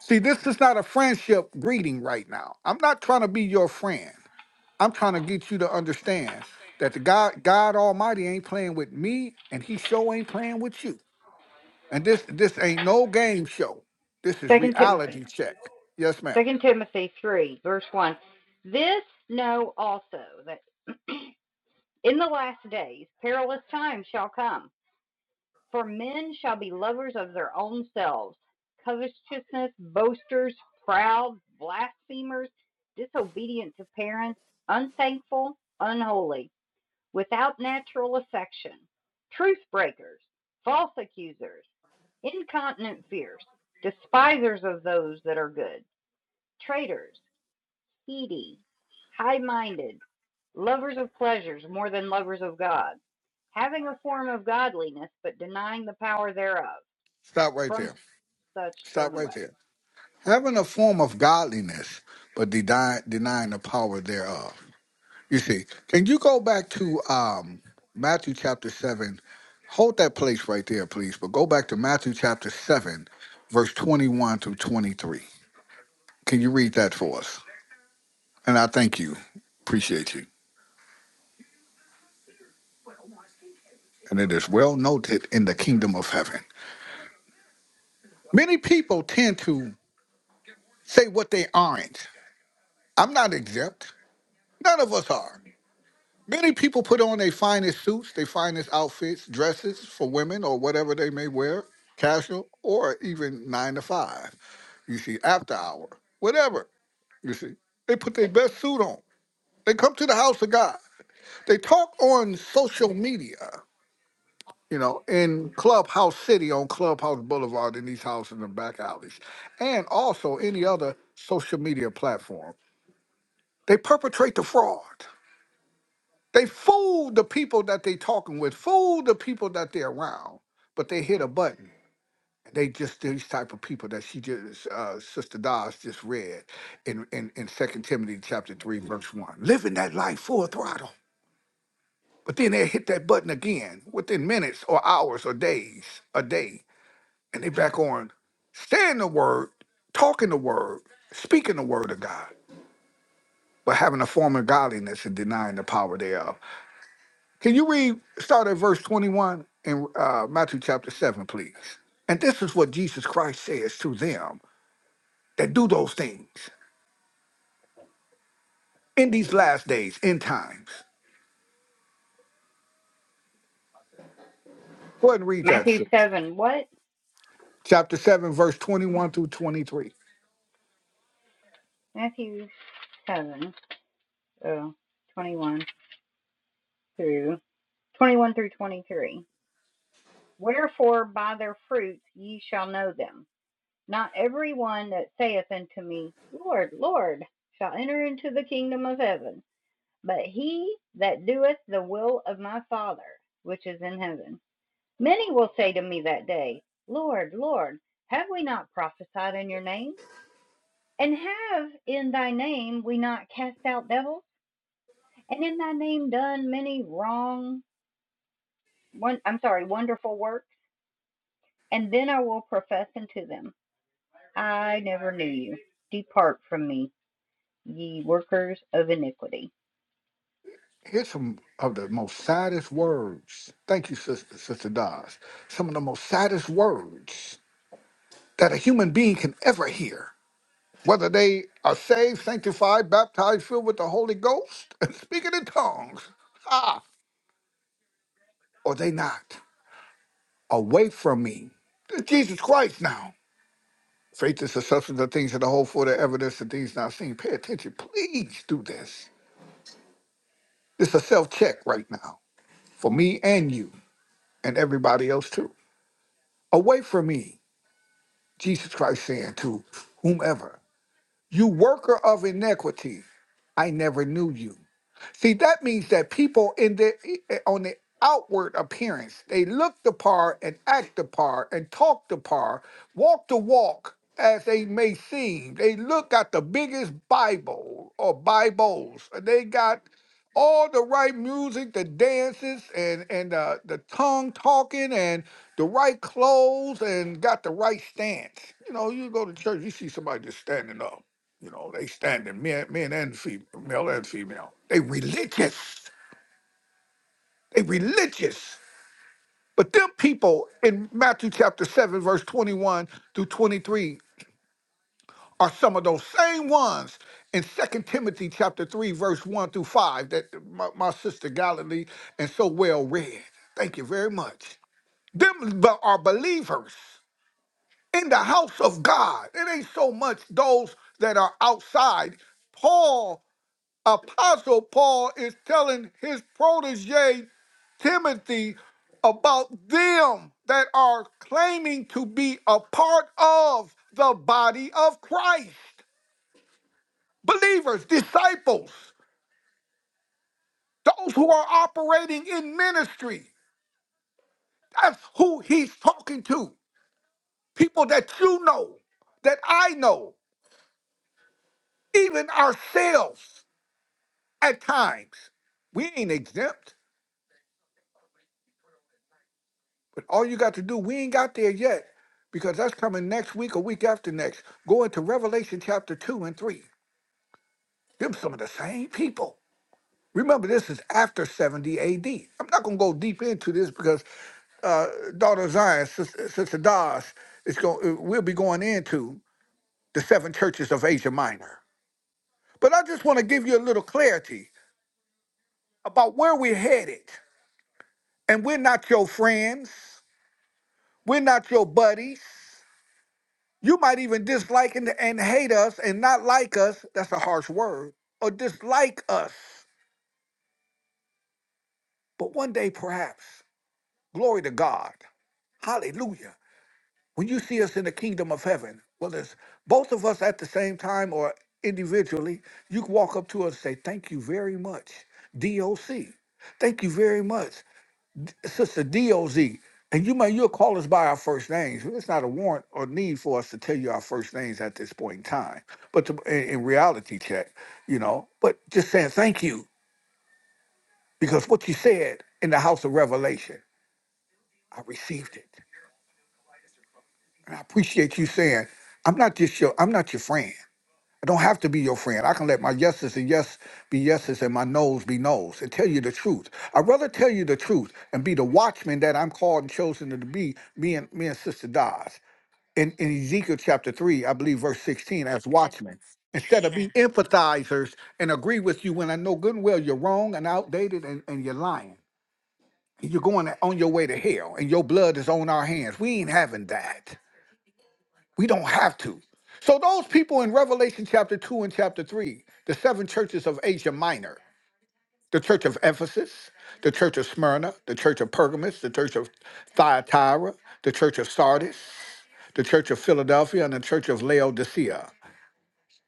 Speaker 2: See, this is not a friendship greeting right now. I'm not trying to be your friend. I'm trying to get you to understand that the God God Almighty ain't playing with me and he sure ain't playing with you. And this this ain't no game show. This is reality check. Yes, ma'am. Stop right there. Stop right there. Having a form of godliness, but deny, denying the power thereof. You see, can you go back to um, Matthew chapter 7? Hold that place right there, please, but go back to Matthew chapter 7, verse 21 through 23. Can you read that for us? And I thank you. Appreciate you. And it is well noted in the kingdom of heaven. Many people tend to say what they aren't. I'm not exempt. None of us are. Many people put on their finest suits, their finest outfits, dresses for women or whatever they may wear, casual or even nine to five. You see, after hour, whatever. You see, they put their best suit on. They come to the house of God. They talk on social media, you know, in Clubhouse City, on Clubhouse Boulevard, in these houses and back alleys, and also any other social media platform. They perpetrate the fraud. They fool the people that they talking with, fool the people that they're around, but they hit a button. They just these type of people that she just uh, Sister Dawes just read in, in in Second Timothy chapter three verse one, living that life full throttle. But then they hit that button again within minutes or hours or days, a day, and they back on staying the word, talking the word, speaking the word of God, but having a form of godliness and denying the power thereof. Can you read, start at verse 21 in uh, Matthew chapter 7, please? And this is what Jesus Christ says to them that do those things in these last days, in times. Go ahead and read that, sis. Chapter 7, verse 21 through 23. Here's some of the most saddest words. Thank you, Sister, Sister Dawes. Some of the most saddest words that a human being can ever hear. Whether they are saved, sanctified, baptized, filled with the Holy Ghost, and speaking in tongues. or they not. Away from me. That's Jesus Christ now. Faith is the substance of things that are hoped for, the evidence of things not seen. Pay attention. Please do this. This is a self check right now for me and you and everybody else too. Away from me, Jesus Christ saying to whomever. You worker of iniquity, I never knew you. See, that means that people in the e, e, on the outward appearance, they look the part and act the part and talk the part, walk the walk as they may seem. They look got the biggest Bible or Bibles. and They got all the right music, the dances and and uh, the tongue talking and the right clothes and got the right stance. You know, you go to church, you see somebody just standing up you know, they standing men, men and female, male and female. They religious. They religious. But them people in Matthew chapter 7, verse 21 through 23 are some of those same ones in Second Timothy chapter 3, verse 1 through 5 that my, my sister Galilee and so well read. Thank you very much. Them be- are believers in the house of God. It ain't so much those that are outside. Paul Apostle Paul is telling his protege Timothy about them that are claiming to be a part of the body of Christ. Believers, disciples, those who are operating in ministry. That's who he's talking to. People that you know, that I know, even ourselves at times. We ain't exempt. But all you got to do, we ain't got there yet because that's coming next week or week after next. Go into Revelation chapter 2 and 3. Them some of the same people. Remember, this is after 70 AD. I'm not going to go deep into this because uh, Daughter of Zion, Sister, Sister Dawes, is going, we'll be going into the seven churches of Asia Minor. But I just want to give you a little clarity about where we're headed. And we're not your friends. We're not your buddies. You might even dislike and, and hate us and not like us. That's a harsh word. Or dislike us. But one day, perhaps, glory to God. Hallelujah. When you see us in the kingdom of heaven, whether it's both of us at the same time or individually, you can walk up to us and say, Thank you very much, DOC. Thank you very much, Sister DOZ, and you may you'll call us by our first names. There's not a warrant or need for us to tell you our first names at this point in time. But to, in, in reality check, you know, but just saying thank you because what you said in the house of revelation, I received it. And I appreciate you saying, I'm not just your I'm not your friend. I don't have to be your friend. I can let my yeses and yes be yeses and my noes be noes and tell you the truth. I'd rather tell you the truth and be the watchman that I'm called and chosen to be, me and me and Sister Dodds. in, in Ezekiel chapter 3, I believe verse 16, as watchmen, instead of be empathizers and agree with you when I know good and well you're wrong and outdated and, and you're lying. And You're going on your way to hell and your blood is on our hands. We ain't having that. We don't have to. So those people in Revelation chapter 2 and chapter 3, the seven churches of Asia Minor, the church of Ephesus, the church of Smyrna, the church of Pergamus, the church of Thyatira, the church of Sardis the Church of Philadelphia, and the Church of Laodicea.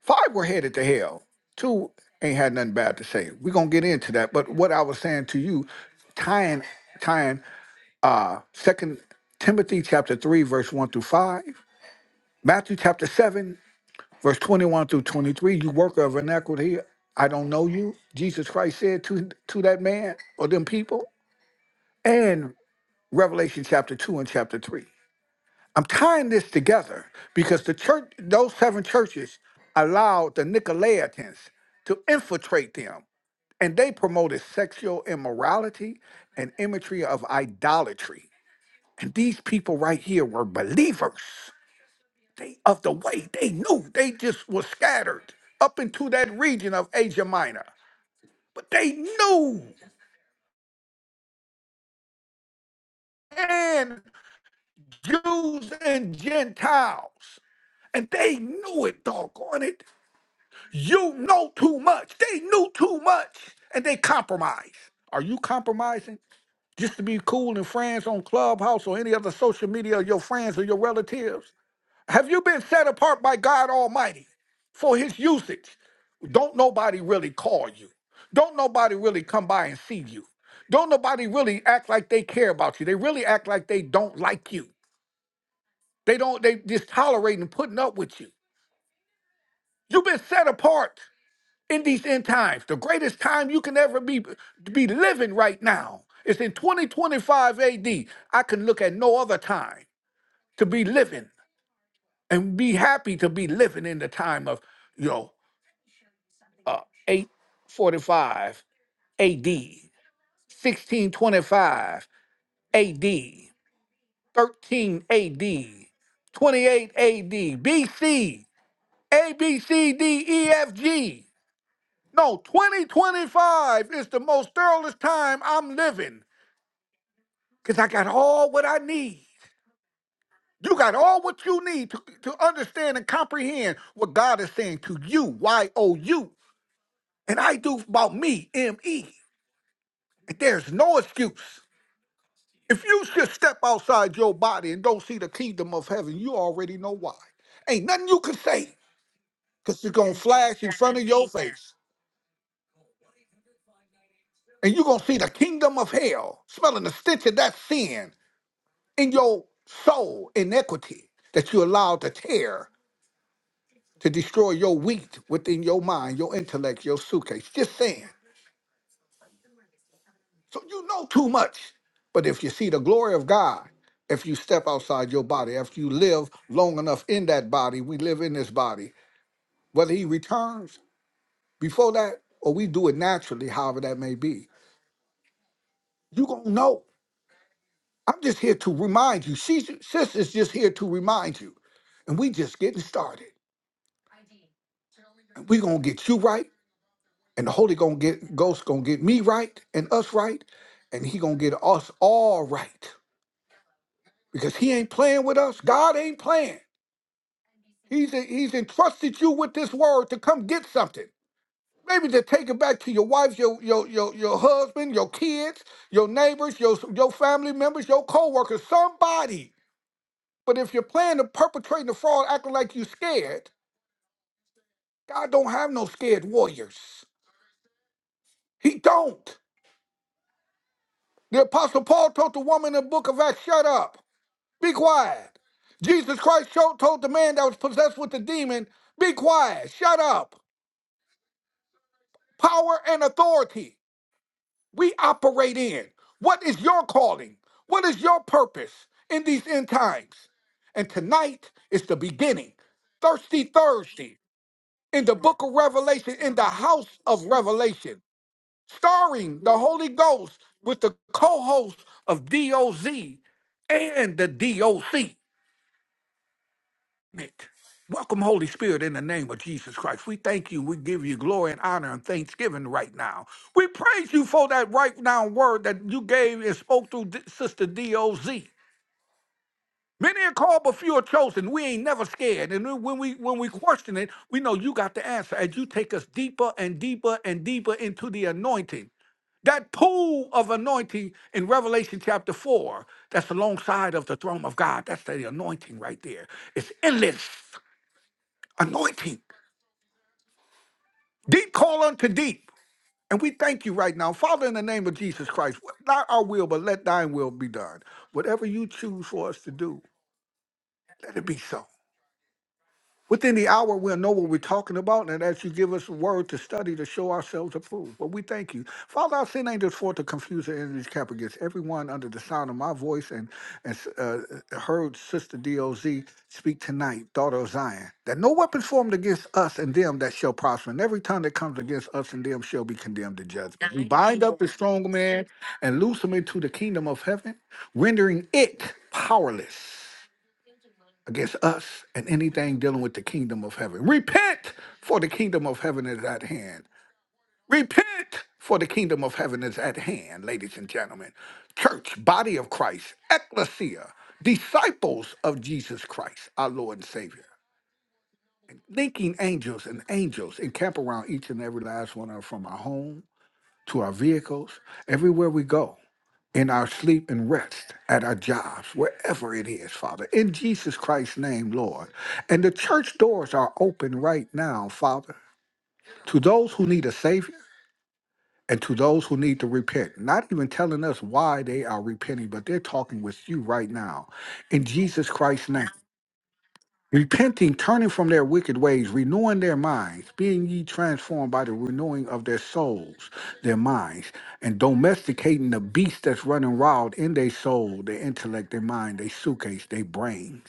Speaker 2: Five were headed to hell. Two ain't had nothing bad to say. We're gonna get into that. But what I was saying to you, tying tying uh second Timothy chapter three, verse one through five, Matthew chapter seven, verse twenty-one through twenty-three, you worker of iniquity, I don't know you, Jesus Christ said to to that man or them people, and Revelation chapter two and chapter three. I'm tying this together because the church, those seven churches, allowed the Nicolaitans to infiltrate them, and they promoted sexual immorality and imagery of idolatry. And these people right here were believers. They of the way they knew they just were scattered up into that region of Asia Minor, but they knew, and Jews and Gentiles, and they knew it. Doggone it! You know too much. They knew too much and they compromised. Are you compromising just to be cool and friends on Clubhouse or any other social media of your friends or your relatives? Have you been set apart by God Almighty for his usage? Don't nobody really call you. Don't nobody really come by and see you. Don't nobody really act like they care about you. They really act like they don't like you. They don't they just tolerate and putting up with you. You've been set apart. in these end times. The greatest time you can ever be be living right now is in 2025 AD. I can look at no other time to be living and be happy to be living in the time of you know uh, 845 AD, 1625 AD, 13 AD, 28 AD, BC, A B C D E F G. No, 2025 is the most thoroughest time I'm living because I got all what I need. You got all what you need to, to understand and comprehend what God is saying to you, Y O U. And I do about me, M E. And there's no excuse. If you just step outside your body and don't see the kingdom of heaven, you already know why. Ain't nothing you can say because it's going to flash in front of your face. And you're going to see the kingdom of hell smelling the stench of that sin in your soul inequity that you allowed to tear to destroy your wheat within your mind, your intellect, your suitcase. Just saying. So you know too much. But if you see the glory of God, if you step outside your body, after you live long enough in that body, we live in this body, whether he returns before that or we do it naturally, however that may be, you're going to know. I'm just here to remind you. Sis sis is just here to remind you. And we just getting started. And we going to get you right and the Holy gonna get, Ghost gonna get me right and us right, and He gonna get us all right because He ain't playing with us. God ain't playing. He's He's entrusted you with this word to come get something. Maybe to take it back to your wife, your your your your husband, your kids, your neighbors, your your family members, your coworkers, somebody. But if you're planning to perpetrate the fraud, acting like you scared, God don't have no scared warriors. He don't. The Apostle Paul told the woman in the book of Acts, "Shut up." Be quiet. Jesus Christ sho- told the man that was possessed with the demon, Be quiet, shut up. Power and authority we operate in. What is your calling? What is your purpose in these end times? And tonight is the beginning. Thirsty Thursday in the book of Revelation, in the house of Revelation, starring the Holy Ghost with the co host of DOZ and the DOC. Nick. Welcome, Holy Spirit, in the name of Jesus Christ. We thank you. We give you glory and honor and thanksgiving right now. We praise you for that right now word that you gave and spoke through D- Sister D.O.Z. Many are called, but few are chosen. We ain't never scared. And then when we when we question it, we know you got the answer as you take us deeper and deeper and deeper into the anointing. That pool of anointing in Revelation chapter 4, that's alongside of the throne of God. That's the anointing right there. It's endless anointing. Deep call unto deep. And we thank you right now. Father, in the name of Jesus Christ, not our will, but let thine will be done. Whatever you choose for us to do, let it be so. Within the hour, we'll know what we're talking about, and as you give us a word to study to show ourselves approved. But we thank you. Father, I send angels forth to confuse the enemy's camp against everyone under the sound of my voice and, and uh, heard Sister DOZ speak tonight, daughter of Zion, that no weapons formed against us and them that shall prosper, and every tongue that comes against us and them shall be condemned to judgment. We bind up the strong man and loose him into the kingdom of heaven, rendering it powerless against us and anything dealing with the kingdom of heaven. Repent, for the kingdom of heaven is at hand. Repent, for the kingdom of heaven is at hand, ladies and gentlemen. Church, body of Christ, ecclesia, disciples of Jesus Christ, our Lord and Savior. Linking angels and angels encamp around each and every last one of us from our home to our vehicles, everywhere we go in our sleep and rest, at our jobs, wherever it is, Father, in Jesus Christ's name, Lord. And the church doors are open right now, Father, to those who need a Savior and to those who need to repent. Not even telling us why they are repenting, but they're talking with you right now. In Jesus Christ's name. Repenting, turning from their wicked ways, renewing their minds, being ye transformed by the renewing of their souls, their minds, and domesticating the beast that's running wild in their soul, their intellect, their mind, their suitcase, their brains.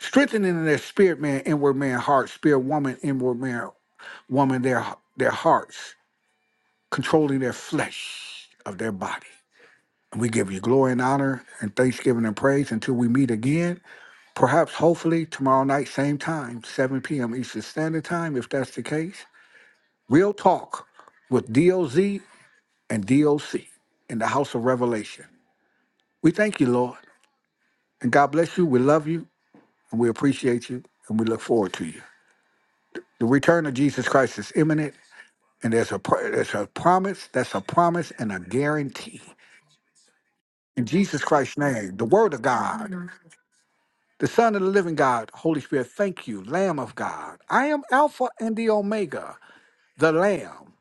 Speaker 2: Strengthening their spirit man, inward man, heart, spirit woman, inward man, woman, their their hearts, controlling their flesh of their body. And we give you glory and honor and thanksgiving and praise until we meet again. Perhaps, hopefully, tomorrow night, same time, 7 p.m. Eastern Standard Time, if that's the case. We'll talk with DOZ and DOC in the House of Revelation. We thank you, Lord, and God bless you. We love you, and we appreciate you, and we look forward to you. The return of Jesus Christ is imminent, and there's a pr- there's a promise. That's a promise and a guarantee. In Jesus Christ's name, the Word of God, the Son of the Living God, Holy Spirit, thank you, Lamb of God. I am Alpha and the Omega. the Lamb,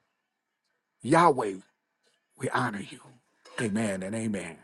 Speaker 2: Yahweh, we honor you. Amen and amen.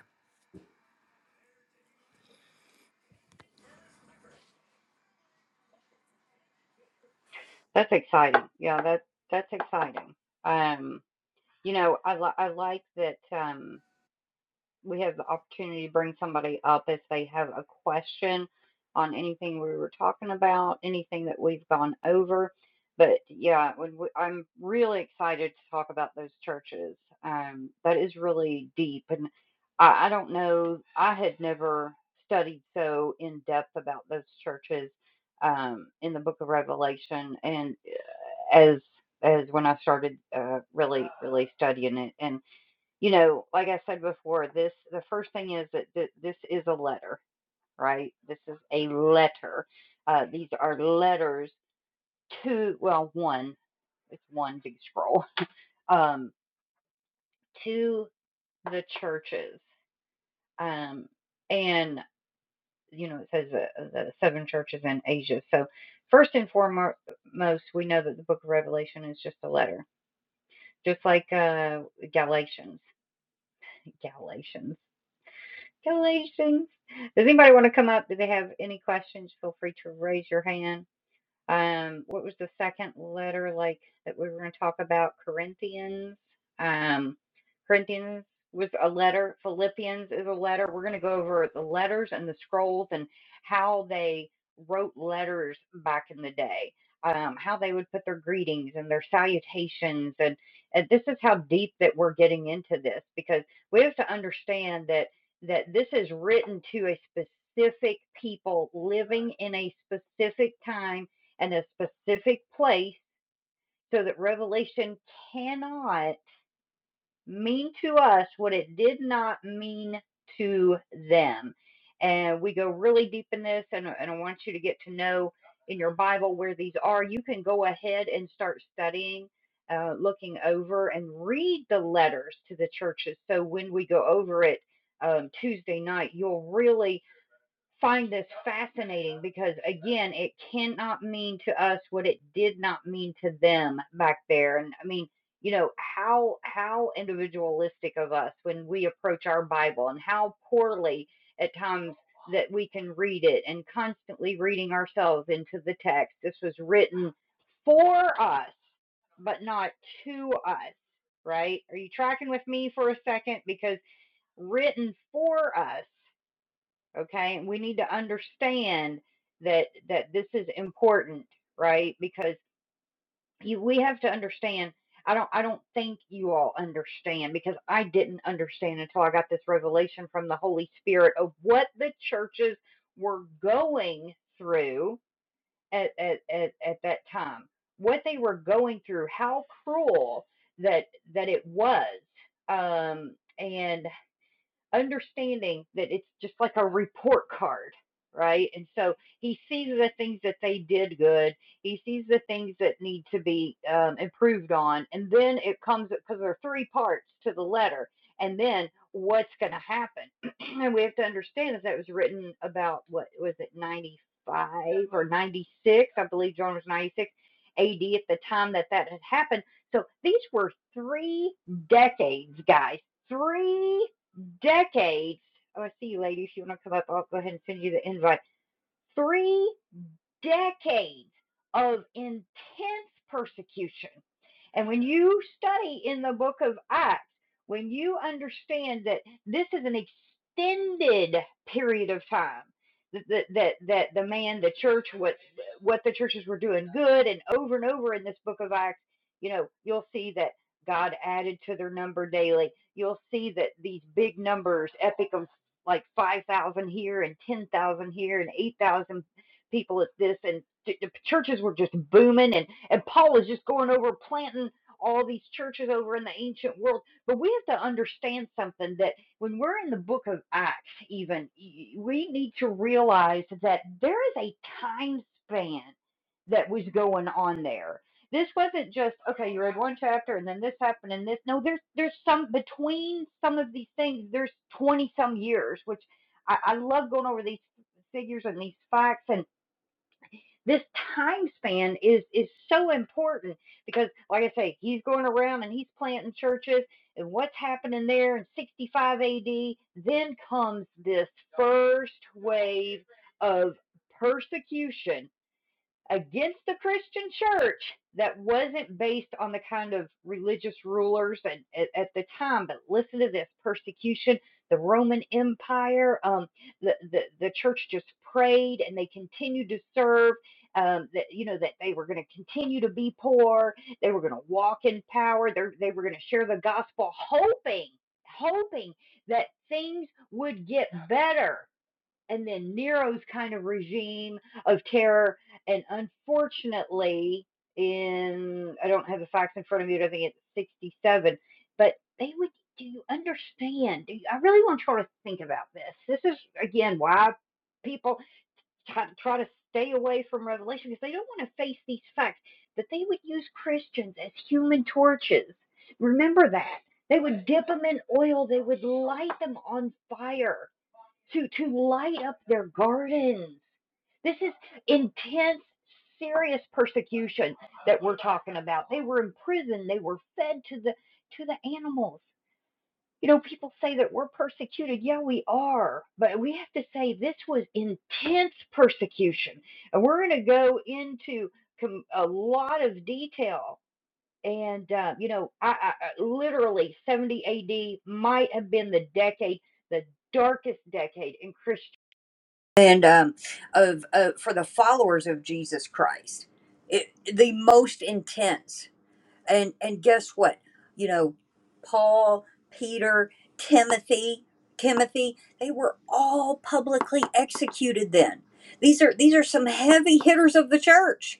Speaker 1: then. These are these are some heavy hitters of the church.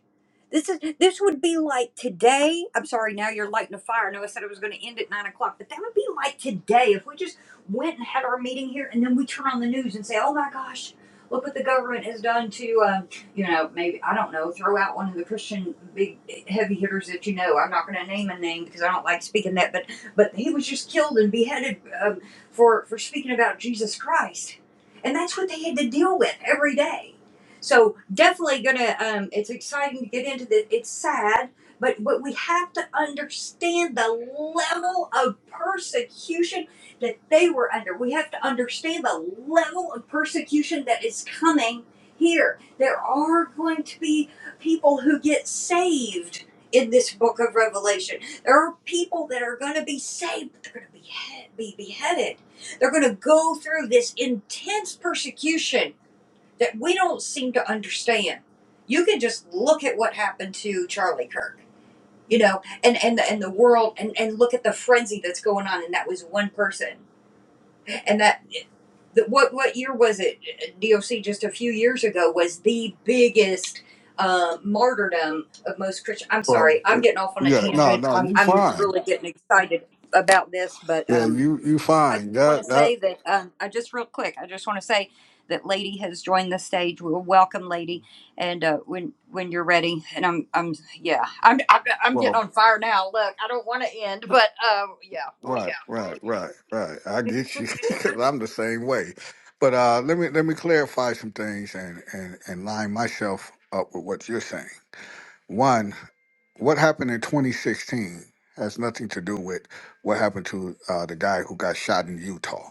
Speaker 1: This is this would be like today. I'm sorry, now you're lighting a fire. I know I said I was going to end at nine o'clock, but that would be like today if we just went and had our meeting here, and then we turn on the news and say, "Oh my gosh, look what the government has done to," um, you know, maybe I don't know, throw out one of the Christian big heavy hitters that you know. I'm not going to name a name because I don't like speaking that, but but he was just killed and beheaded um, for for speaking about Jesus. But th- there, through this intense persecution, seem to understand. You can just Look at what happened to Charlie Kirk, you know, and and the, and the world. But what year was it? DOC to few big and uh, martyrs of most.
Speaker 2: Well, uh, yeah, no, no,
Speaker 1: I'm,
Speaker 2: you
Speaker 1: I'm
Speaker 2: fine.
Speaker 1: really getting excited about this, but
Speaker 2: Yeah,
Speaker 1: um,
Speaker 2: you you
Speaker 1: I just
Speaker 2: fine.
Speaker 1: want
Speaker 2: That
Speaker 1: to
Speaker 2: that
Speaker 1: say that um, I just real quick, I just want to say that Lady has joined the stage. we will welcome, Lady, and uh, when when you're ready, and I'm I'm yeah, I'm I'm, I'm getting
Speaker 2: well,
Speaker 1: on fire now. Look, I don't want to end, but uh, yeah, we're,
Speaker 2: right, right, right, right. I get you because I'm the same way. But uh, let me let me clarify some things and and and line myself up with what you're saying. One, what happened in 2016 has nothing to do with what happened to uh, the guy who got shot in Utah.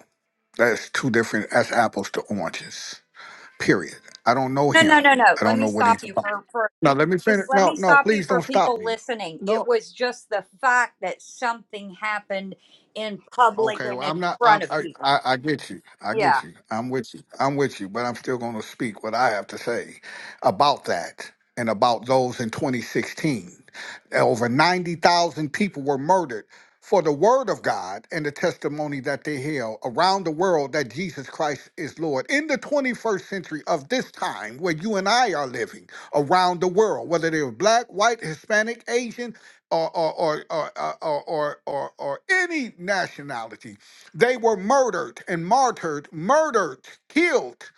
Speaker 2: That's two different. That's apples to oranges. Period. I don't know him. I don't know what he's about. Now let me finish. No, no, please don't stop me. No. Okay, well, I'm not. I, I I I get you. I get you. I'm with you. I'm with you. But I'm still going to speak what I have to say about that and about those in 2016. Over 90,000 people were murdered for the word of God and the testimony that they held around the world that Jesus Christ is Lord. In the 21st century of this time, where you and I are living around the world, whether they're black, white, Hispanic, Asian or or or or uh, or or, or, or any nationality. They were murdered and martyred, murdered, killed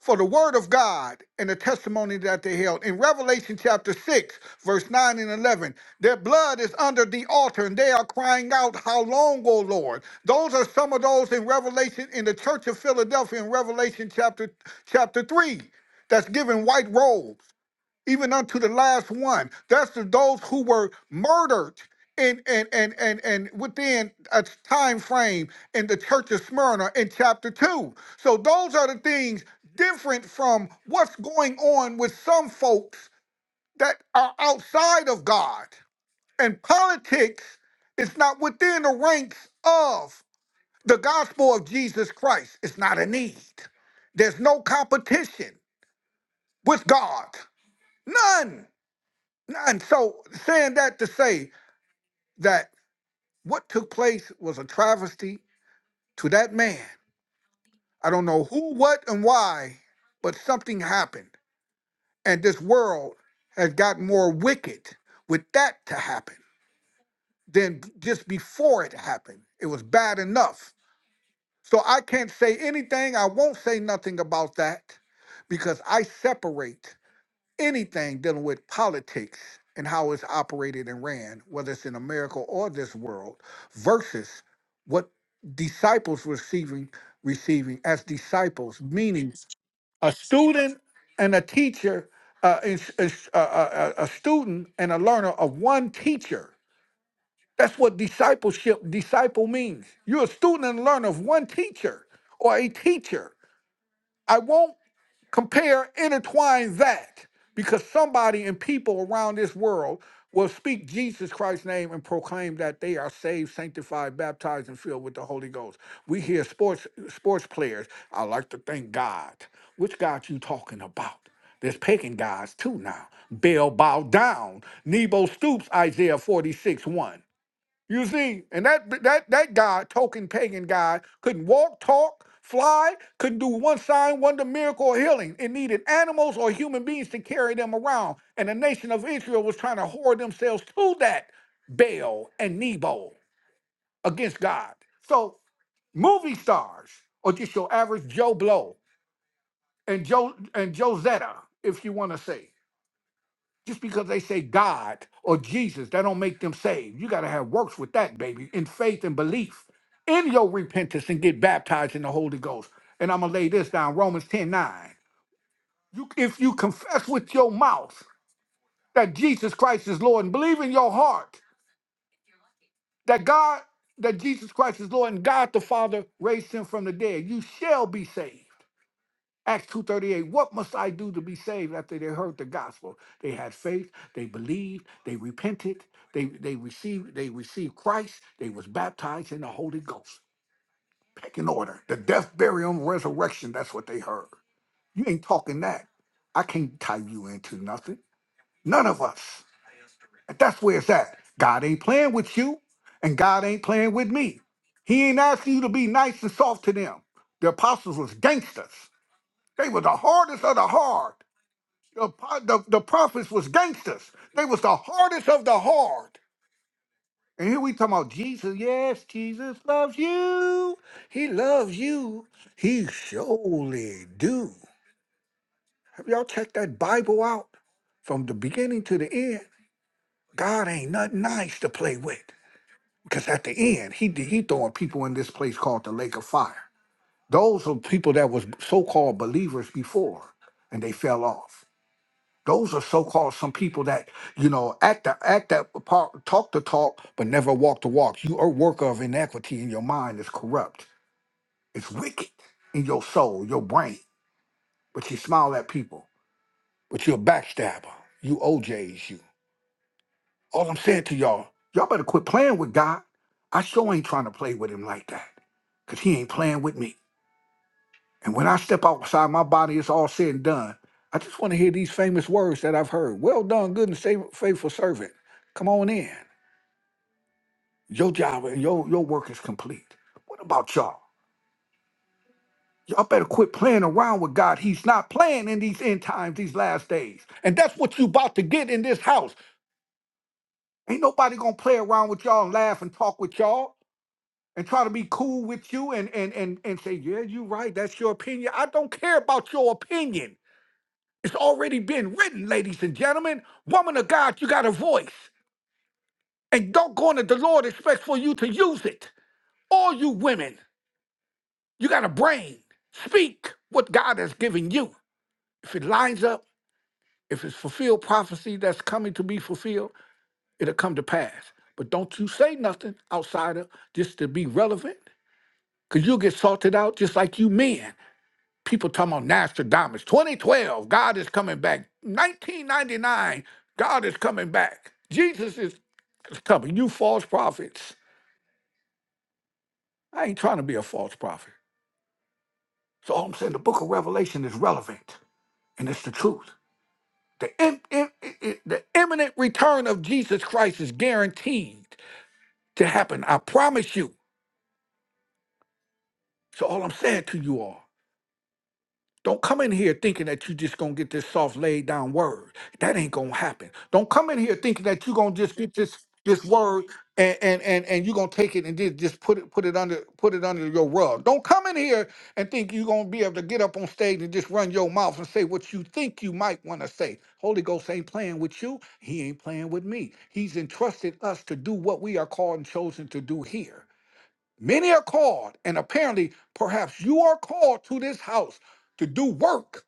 Speaker 2: for the word of God and the testimony that they held. In Revelation chapter 6, verse 9 and 11, their blood is under the altar and they are crying out, How long, O Lord? Those are some of those in Revelation, in the church of Philadelphia in Revelation chapter chapter 3, that's given white robes even unto the last one. That's the those who were murdered in and and and and within a time frame in the church of Smyrna in chapter two. So those are the things different from what's going on with some folks that are outside of God. And politics is not within the ranks of the gospel of Jesus Christ. It's not a need. There's no competition with God. None. And So saying that to say that what took place was a travesty to that man. I don't know who, what, and why, but something happened. And this world has gotten more wicked with that to happen than just before it happened. It was bad enough. So I can't say anything. I won't say nothing about that because I separate. anything dealing with politics and how it's operated and ran, whether it's in America or this world, versus what disciples receiving receiving as disciples, meaning a student and a teacher, uh, is, is, uh, uh, uh, a student and a learner of one teacher. That's what discipleship disciple means. You're a student and learner of one teacher or a teacher. I won't Compare, intertwine that because somebody and people around this world will speak Jesus Christ's name and proclaim that they are saved, sanctified, baptized, and filled with the Holy Ghost. We hear sports sports players. I like to thank God. Which God you talking about? There's pagan gods too now. Baal bow down. Nebo stoops, Isaiah forty six one. You see, and that that that guy, token pagan guy, couldn't walk, talk, fly, couldn't do one sign, wonder, miracle, or healing. It needed animals or human beings to carry them around, and the nation of Israel was trying to hoard themselves to that Baal and Nebo against God. So movie stars, or just your average Joe Blow and Joe and Josetta, if you want to say. Just because they say God or Jesus, that don't make them saved. You got to have works with that, baby, in faith and belief in your repentance and get baptized in the Holy Ghost. And I'm going to lay this down Romans 10 9. You, if you confess with your mouth that Jesus Christ is Lord and believe in your heart that God, that Jesus Christ is Lord and God the Father raised him from the dead, you shall be saved. Acts 2.38, what must I do to be saved after they heard the gospel? They had faith, they believed, they repented, they, they received, they received Christ, they was baptized in the Holy Ghost. Pick Pecking order. The death, burial, and resurrection, that's what they heard. You ain't talking that. I can't tie you into nothing. None of us. And that's where it's at. God ain't playing with you, and God ain't playing with me. He ain't asking you to be nice and soft to them. The apostles was gangsters. They were the hardest of the hard. The, po- the, the prophets was gangsters. They was the hardest of the hard. And here we talking about Jesus. Yes, Jesus loves you. He loves you. He surely do. Have y'all checked that Bible out from the beginning to the end? God ain't nothing nice to play with. Because at the end, he he throwing people in this place called the lake of fire. Those are people that was so-called believers before, and they fell off. Those are so-called some people that you know act the act that part, talk the talk, but never walk the walk. You are worker of inequity, and your mind is corrupt. It's wicked in your soul, your brain. But you smile at people, but you're a backstabber. You OJs, you. All I'm saying to y'all, y'all better quit playing with God. I sure ain't trying to play with him like that, cause he ain't playing with me. And when I step outside my body, it's all said and done. I just want to hear these famous words that I've heard. Well done, good and sa- faithful servant. Come on in. Your job and your, your work is complete. What about y'all? Y'all better quit playing around with God. He's not playing in these end times, these last days. And that's what you about to get in this house. Ain't nobody gonna play around with y'all and laugh and talk with y'all and try to be cool with you and and and, and say, yeah, you right, that's your opinion. I don't care about your opinion. It's already been written, ladies and gentlemen. Woman of God, you got a voice. And don't go on that the Lord expects for you to use it. All you women, you got a brain. Speak what God has given you. If it lines up, if it's fulfilled prophecy that's coming to be fulfilled, it'll come to pass. But don't you say nothing outside of just to be relevant, because you'll get sorted out just like you men. people talking about Nostradamus. 2012, God is coming back. 1999, God is coming back. Jesus is is coming. You false prophets. I ain't trying to be a false prophet. So all I'm saying, the book of Revelation is relevant and it's the truth. The, im- im- i- i- the imminent return of Jesus Christ is guaranteed to happen. I promise you. So all I'm saying to you all. Don't come in here thinking that you just gonna get this soft laid down word. That ain't gonna happen. Don't come in here thinking that you gonna just get this this word and and and, and you gonna take it and just, just put it put it under put it under your rug. Don't come in here and think you're gonna be able to get up on stage and just run your mouth and say what you think you might wanna say. Holy Ghost ain't playing with you, he ain't playing with me. He's entrusted us to do what we are called and chosen to do here. Many are called, and apparently, perhaps you are called to this house to do work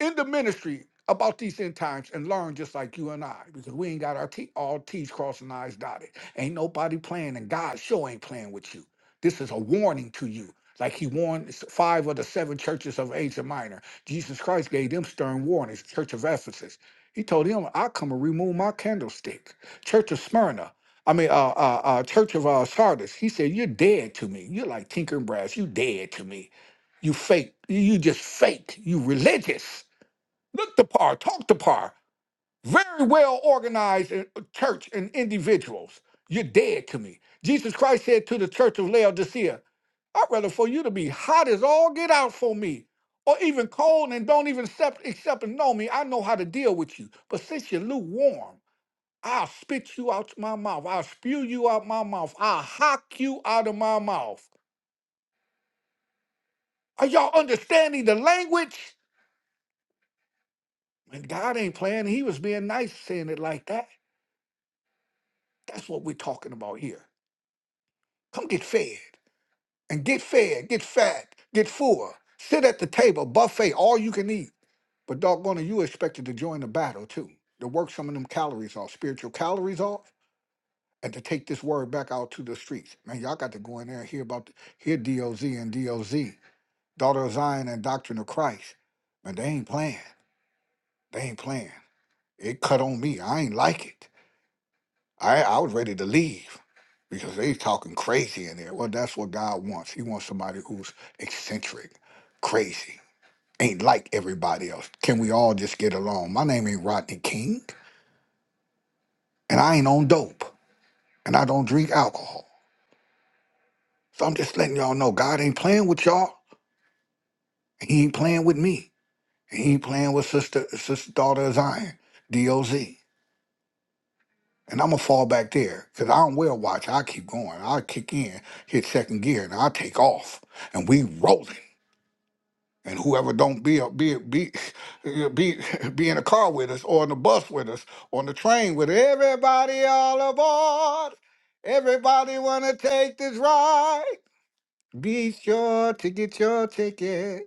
Speaker 2: in the ministry about these end times and learn just like you and I, because we ain't got our T all T's crossed and I's dotted. Ain't nobody playing, and God sure ain't playing with you. This is a warning to you. Like he warned s- five of the seven churches of Asia Minor. Jesus Christ gave them stern warnings, Church of Ephesus. He told them, I come and remove my candlestick. Church of Smyrna. I mean, uh, uh, uh, Church of uh, Sardis. He said, You're dead to me. You're like tinkering brass. You dead to me. You fake. You you just fake. You religious Look the par, talk the par. Very well organized in- uh, church and individuals. You're dead to me. Jesus Christ said to the church of Laodicea, I'd rather for you to be hot as all get out for me, or even cold and don't even accept, accept and know me. I know how to deal with you. But since you're lukewarm, I'll spit you out my mouth. I'll spew you out my mouth. I'll hock you out of my mouth. Are y'all understanding the language? And God ain't playing. He was being nice saying it like that. That's what we're talking about here. Come get fed and get fed, get fat, get full. Sit at the table, buffet, all you can eat. But doggone it, you expected to join the battle too, to work some of them calories off, spiritual calories off, and to take this word back out to the streets. Man, y'all got to go in there and hear about the, hear DOZ and DOZ, Daughter of Zion and Doctrine of Christ. Man, they ain't playing. They ain't playing. It cut on me. I ain't like it. I I was ready to leave because they talking crazy in there. Well, that's what God wants. He wants somebody who's eccentric, crazy, ain't like everybody else. Can we all just get along? My name ain't Rodney King, and I ain't on dope, and I don't drink alcohol. So I'm just letting y'all know God ain't playing with y'all. and He ain't playing with me. and He ain't playing with sister sister daughter of Zion, DOZ. And I'm gonna fall back there because I don't wear a watch. I keep going. I kick in, hit second gear, and I take off, and we rolling. And whoever don't be a- be be be be in the car with us, or on the bus with us, on the train with us, everybody all aboard. Everybody wanna take this ride. Be sure to get your ticket.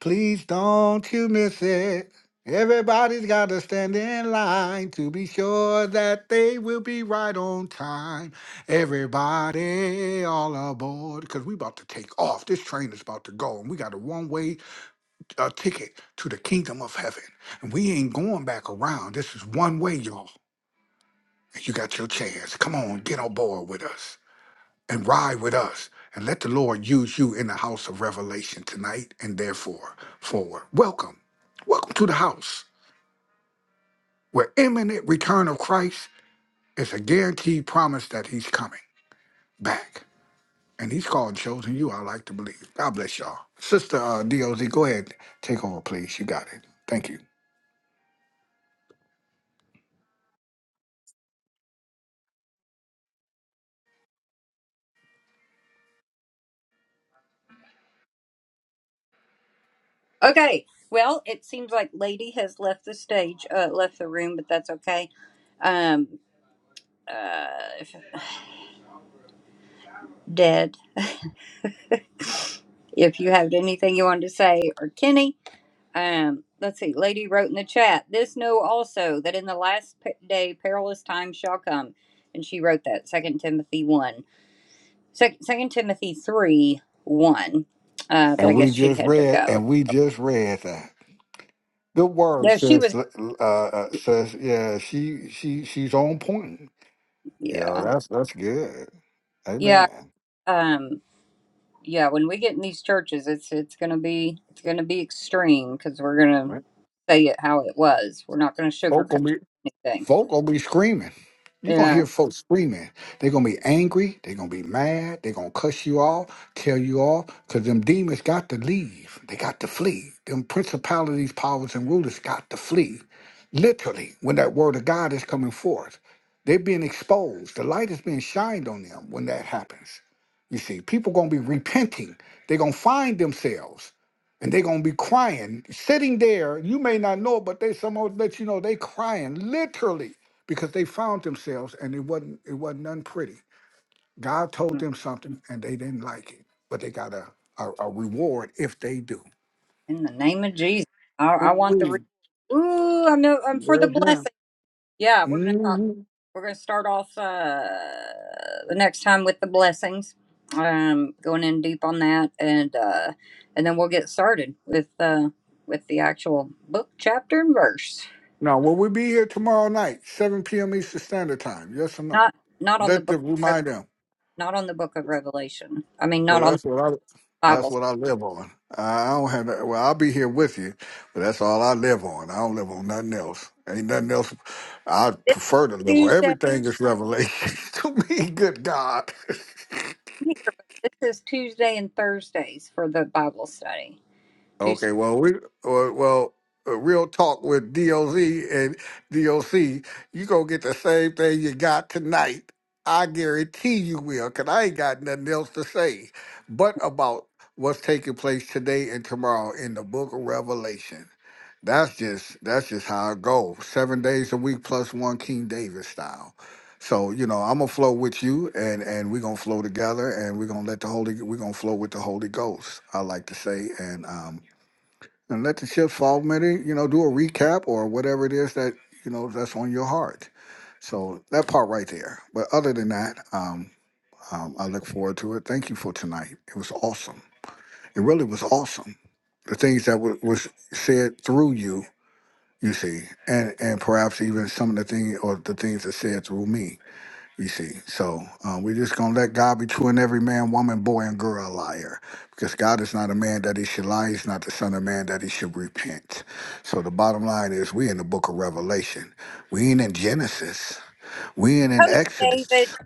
Speaker 2: Please don't you miss it. Everybody's got to stand in line to be sure that they will be right on time. Everybody all aboard, because we about to take off. This train is about to go, and we got a one-way uh, ticket to the kingdom of heaven. And we ain't going back around. This is one way, y'all. And You got your chance. Come on, get on board with us and ride with us and let the Lord use you in the house of revelation tonight and therefore forward. Welcome. Welcome to the house where imminent return of Christ is a guaranteed promise that he's coming back. And he's called chosen you, I like to believe. God bless y'all. Sister uh, DOZ, go ahead. Take over, please. You got it. Thank you.
Speaker 1: okay. Well, it seems like Lady has left the stage, uh, left the room, but that's okay. Um, uh, dead. If you have anything you wanted to say, or Kenny, um, let's see. Lady wrote in the chat, "This know also that in the last day perilous times shall come," and she wrote that Second Timothy one, Second Timothy three one. Uh, but
Speaker 2: And
Speaker 1: I
Speaker 2: we
Speaker 1: guess she
Speaker 2: just
Speaker 1: had to
Speaker 2: read,
Speaker 1: go.
Speaker 2: and we just read that. Good word,
Speaker 1: No, she
Speaker 2: says,
Speaker 1: was.
Speaker 2: uh, uh, says, yeah, she, she, she's on point. You know,
Speaker 1: Yeah,
Speaker 2: that's that's good.
Speaker 1: yeah,
Speaker 2: Amen.
Speaker 1: um, yeah. When we get in these churches, it's it's gonna be it's gonna be extreme because we're gonna
Speaker 2: Right?
Speaker 1: say it how it was. We're not gonna
Speaker 2: Folk
Speaker 1: sugarcoat
Speaker 2: gonna be
Speaker 1: anything.
Speaker 2: folk gonna be screaming. You're gonna
Speaker 1: Yeah.
Speaker 2: hear folks screaming. They're gonna be angry, they're gonna be mad, they're gonna cuss you off, tell you off, cause them demons got to leave. They got to flee. Them principalities, powers, and rulers got to flee. Literally, when that word of God is coming forth. They're being exposed. The light is being shined on them when that happens. You see, people gonna be repenting. They're gonna find themselves. and they're gonna be crying, sitting there. You may not know it, but they someone let you know they crying literally because they found themselves and it wasn't it wasn't none pretty. God told them something and they didn't like it, but they got a a, a reward if they do.
Speaker 1: In the name of Jesus, I, I want the.
Speaker 2: We
Speaker 1: Re- Ooh, I'm no. I'm for the
Speaker 2: there's now.
Speaker 1: blessing. Yeah, we're gonna talk.
Speaker 2: hmm
Speaker 1: We're gonna start off uh, the next time with the blessings. Um, going in deep on that, and uh, and then we'll get started with uh, with the actual.
Speaker 2: Now will we be here tomorrow night, 7 p.m. Eastern Standard Time? Yes or no? Let the remind them. Well, that's what I that's what I live on. I don't have that. Well, I'll be here with you, but that's all I live on. I don't live on nothing else. Ain't nothing else I prefer to live on. Everything is revelation to me. Good God. Okay, well, we uh, well, uh, real talk with DOZ and DOC, you gonna get the same thing you got tonight. I guarantee you will, cause I ain't got nothing else to say, but about what's taking place today and tomorrow in the Book of Revelation. That's just that's just how it goes. Seven days a week plus one King David style. So you know I'm gonna flow with you, and and we're gonna flow together, and we're gonna let the Holy we're gonna flow with the Holy Ghost. I like to say, and um, and let the chips fall maybe you know do a recap or whatever it is that you know that's on your heart so that part right there but other than that um, um, i look forward to it thank you for tonight it was awesome it really was awesome the things that w- was said through you you see and and perhaps even some of the things or the things that said through me you see, so um, we're just gonna let God be true and every man, woman, boy, and girl a liar, because God is not a man that he should lie. He's not the son of man that he should repent. So the bottom line is, we in the book of Revelation. We ain't in Genesis. We ain't in Exodus.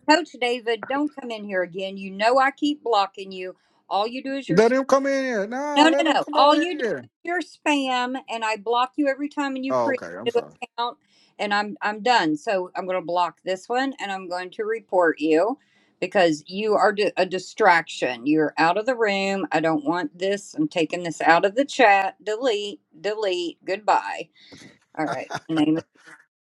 Speaker 2: Let him come in here. No, let him come on in here. Oh, okay. I'm sorry.
Speaker 1: So I'm gonna block this one, and I'm going to report you because you are di- a distraction. You're out of the room. I don't want this. I'm taking this out of the chat. Delete. Delete. Goodbye. All right. Name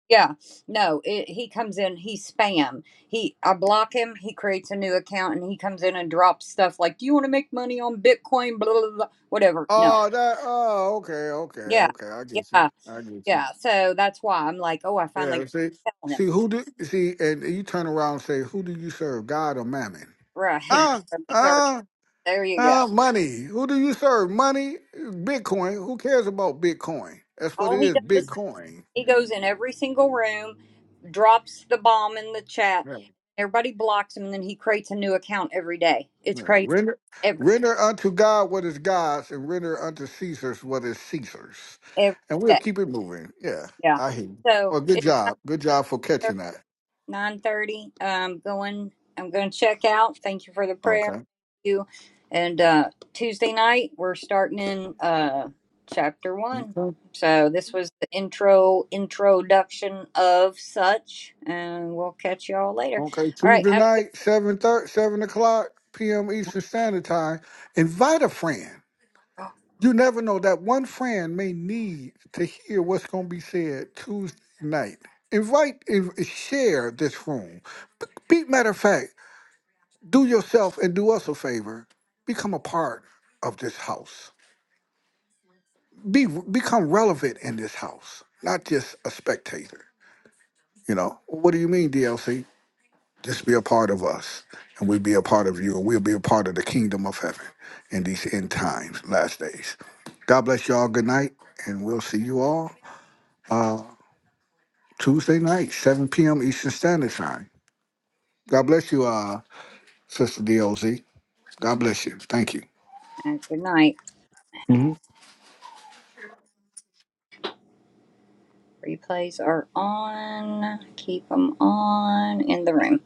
Speaker 1: Yeah, no, it, he comes in, he spam. He I block him, he creates a new account and he comes in and drops stuff like, "Do you want to make money on Bitcoin, blah, blah, blah, whatever." No.
Speaker 2: Oh, that. Oh, okay, okay,
Speaker 1: Yeah.
Speaker 2: okay. I get you.
Speaker 1: Yeah.
Speaker 2: I get you.
Speaker 1: Yeah. So that's why I'm like, "Oh, I finally
Speaker 2: Yeah.
Speaker 1: got
Speaker 2: See,
Speaker 1: to tell
Speaker 2: see
Speaker 1: him."
Speaker 2: who do see, and you turn around and say, who do you serve, God or Mammon?
Speaker 1: Right.
Speaker 2: Uh,
Speaker 1: He's already
Speaker 2: uh,
Speaker 1: there you go.
Speaker 2: uh, money. Who do you serve? Money? Bitcoin. Who cares about Bitcoin? That's what
Speaker 1: All
Speaker 2: it
Speaker 1: he
Speaker 2: is,
Speaker 1: does,
Speaker 2: Bitcoin.
Speaker 1: he goes in every single room, drops the bomb in the chat.
Speaker 2: Yeah.
Speaker 1: Everybody blocks him and then he creates a new account every day. It's
Speaker 2: Yeah.
Speaker 1: crazy.
Speaker 2: Render,
Speaker 1: Every
Speaker 2: render unto God what is God's, and render unto Caesar's what is Caesar's.
Speaker 1: every
Speaker 2: And we'll
Speaker 1: day.
Speaker 2: keep it moving. Yeah,
Speaker 1: Yeah.
Speaker 2: I hear you.
Speaker 1: So,
Speaker 2: Well, good
Speaker 1: it's
Speaker 2: job. Good job for catching that.
Speaker 1: nine thirty. Um, going. I'm going to check out. Thank you for the prayer.
Speaker 2: Okay.
Speaker 1: Thank you. And uh, Tuesday night we're starting in uh, chapter one.
Speaker 2: Okay.
Speaker 1: So this was the intro introduction of such, and we'll catch y'all later.
Speaker 2: Okay.
Speaker 1: All right.
Speaker 2: Tuesday
Speaker 1: Have a
Speaker 2: night, 7, thirty, seven o'clock p.m. Eastern Standard Time. Invite a friend. You never know. That one friend may need to hear what's going to be said Tuesday night. Invite and share this room. Be, matter of fact, do yourself and do us a favor. Become a part of this house. Be become relevant in this house, not just a spectator. You know what do you mean, DLC? Just be a part of us, and we'll be a part of you, and we'll be a part of the kingdom of heaven in these end times, last days. God bless y'all. Good night, and we'll see you all Tuesday night, 7 p.m. Eastern Standard Time. God bless you, uh, Sister DOZ. God bless you. Thank you.
Speaker 1: good night. Good night. Replays are on. Keep them on in the room.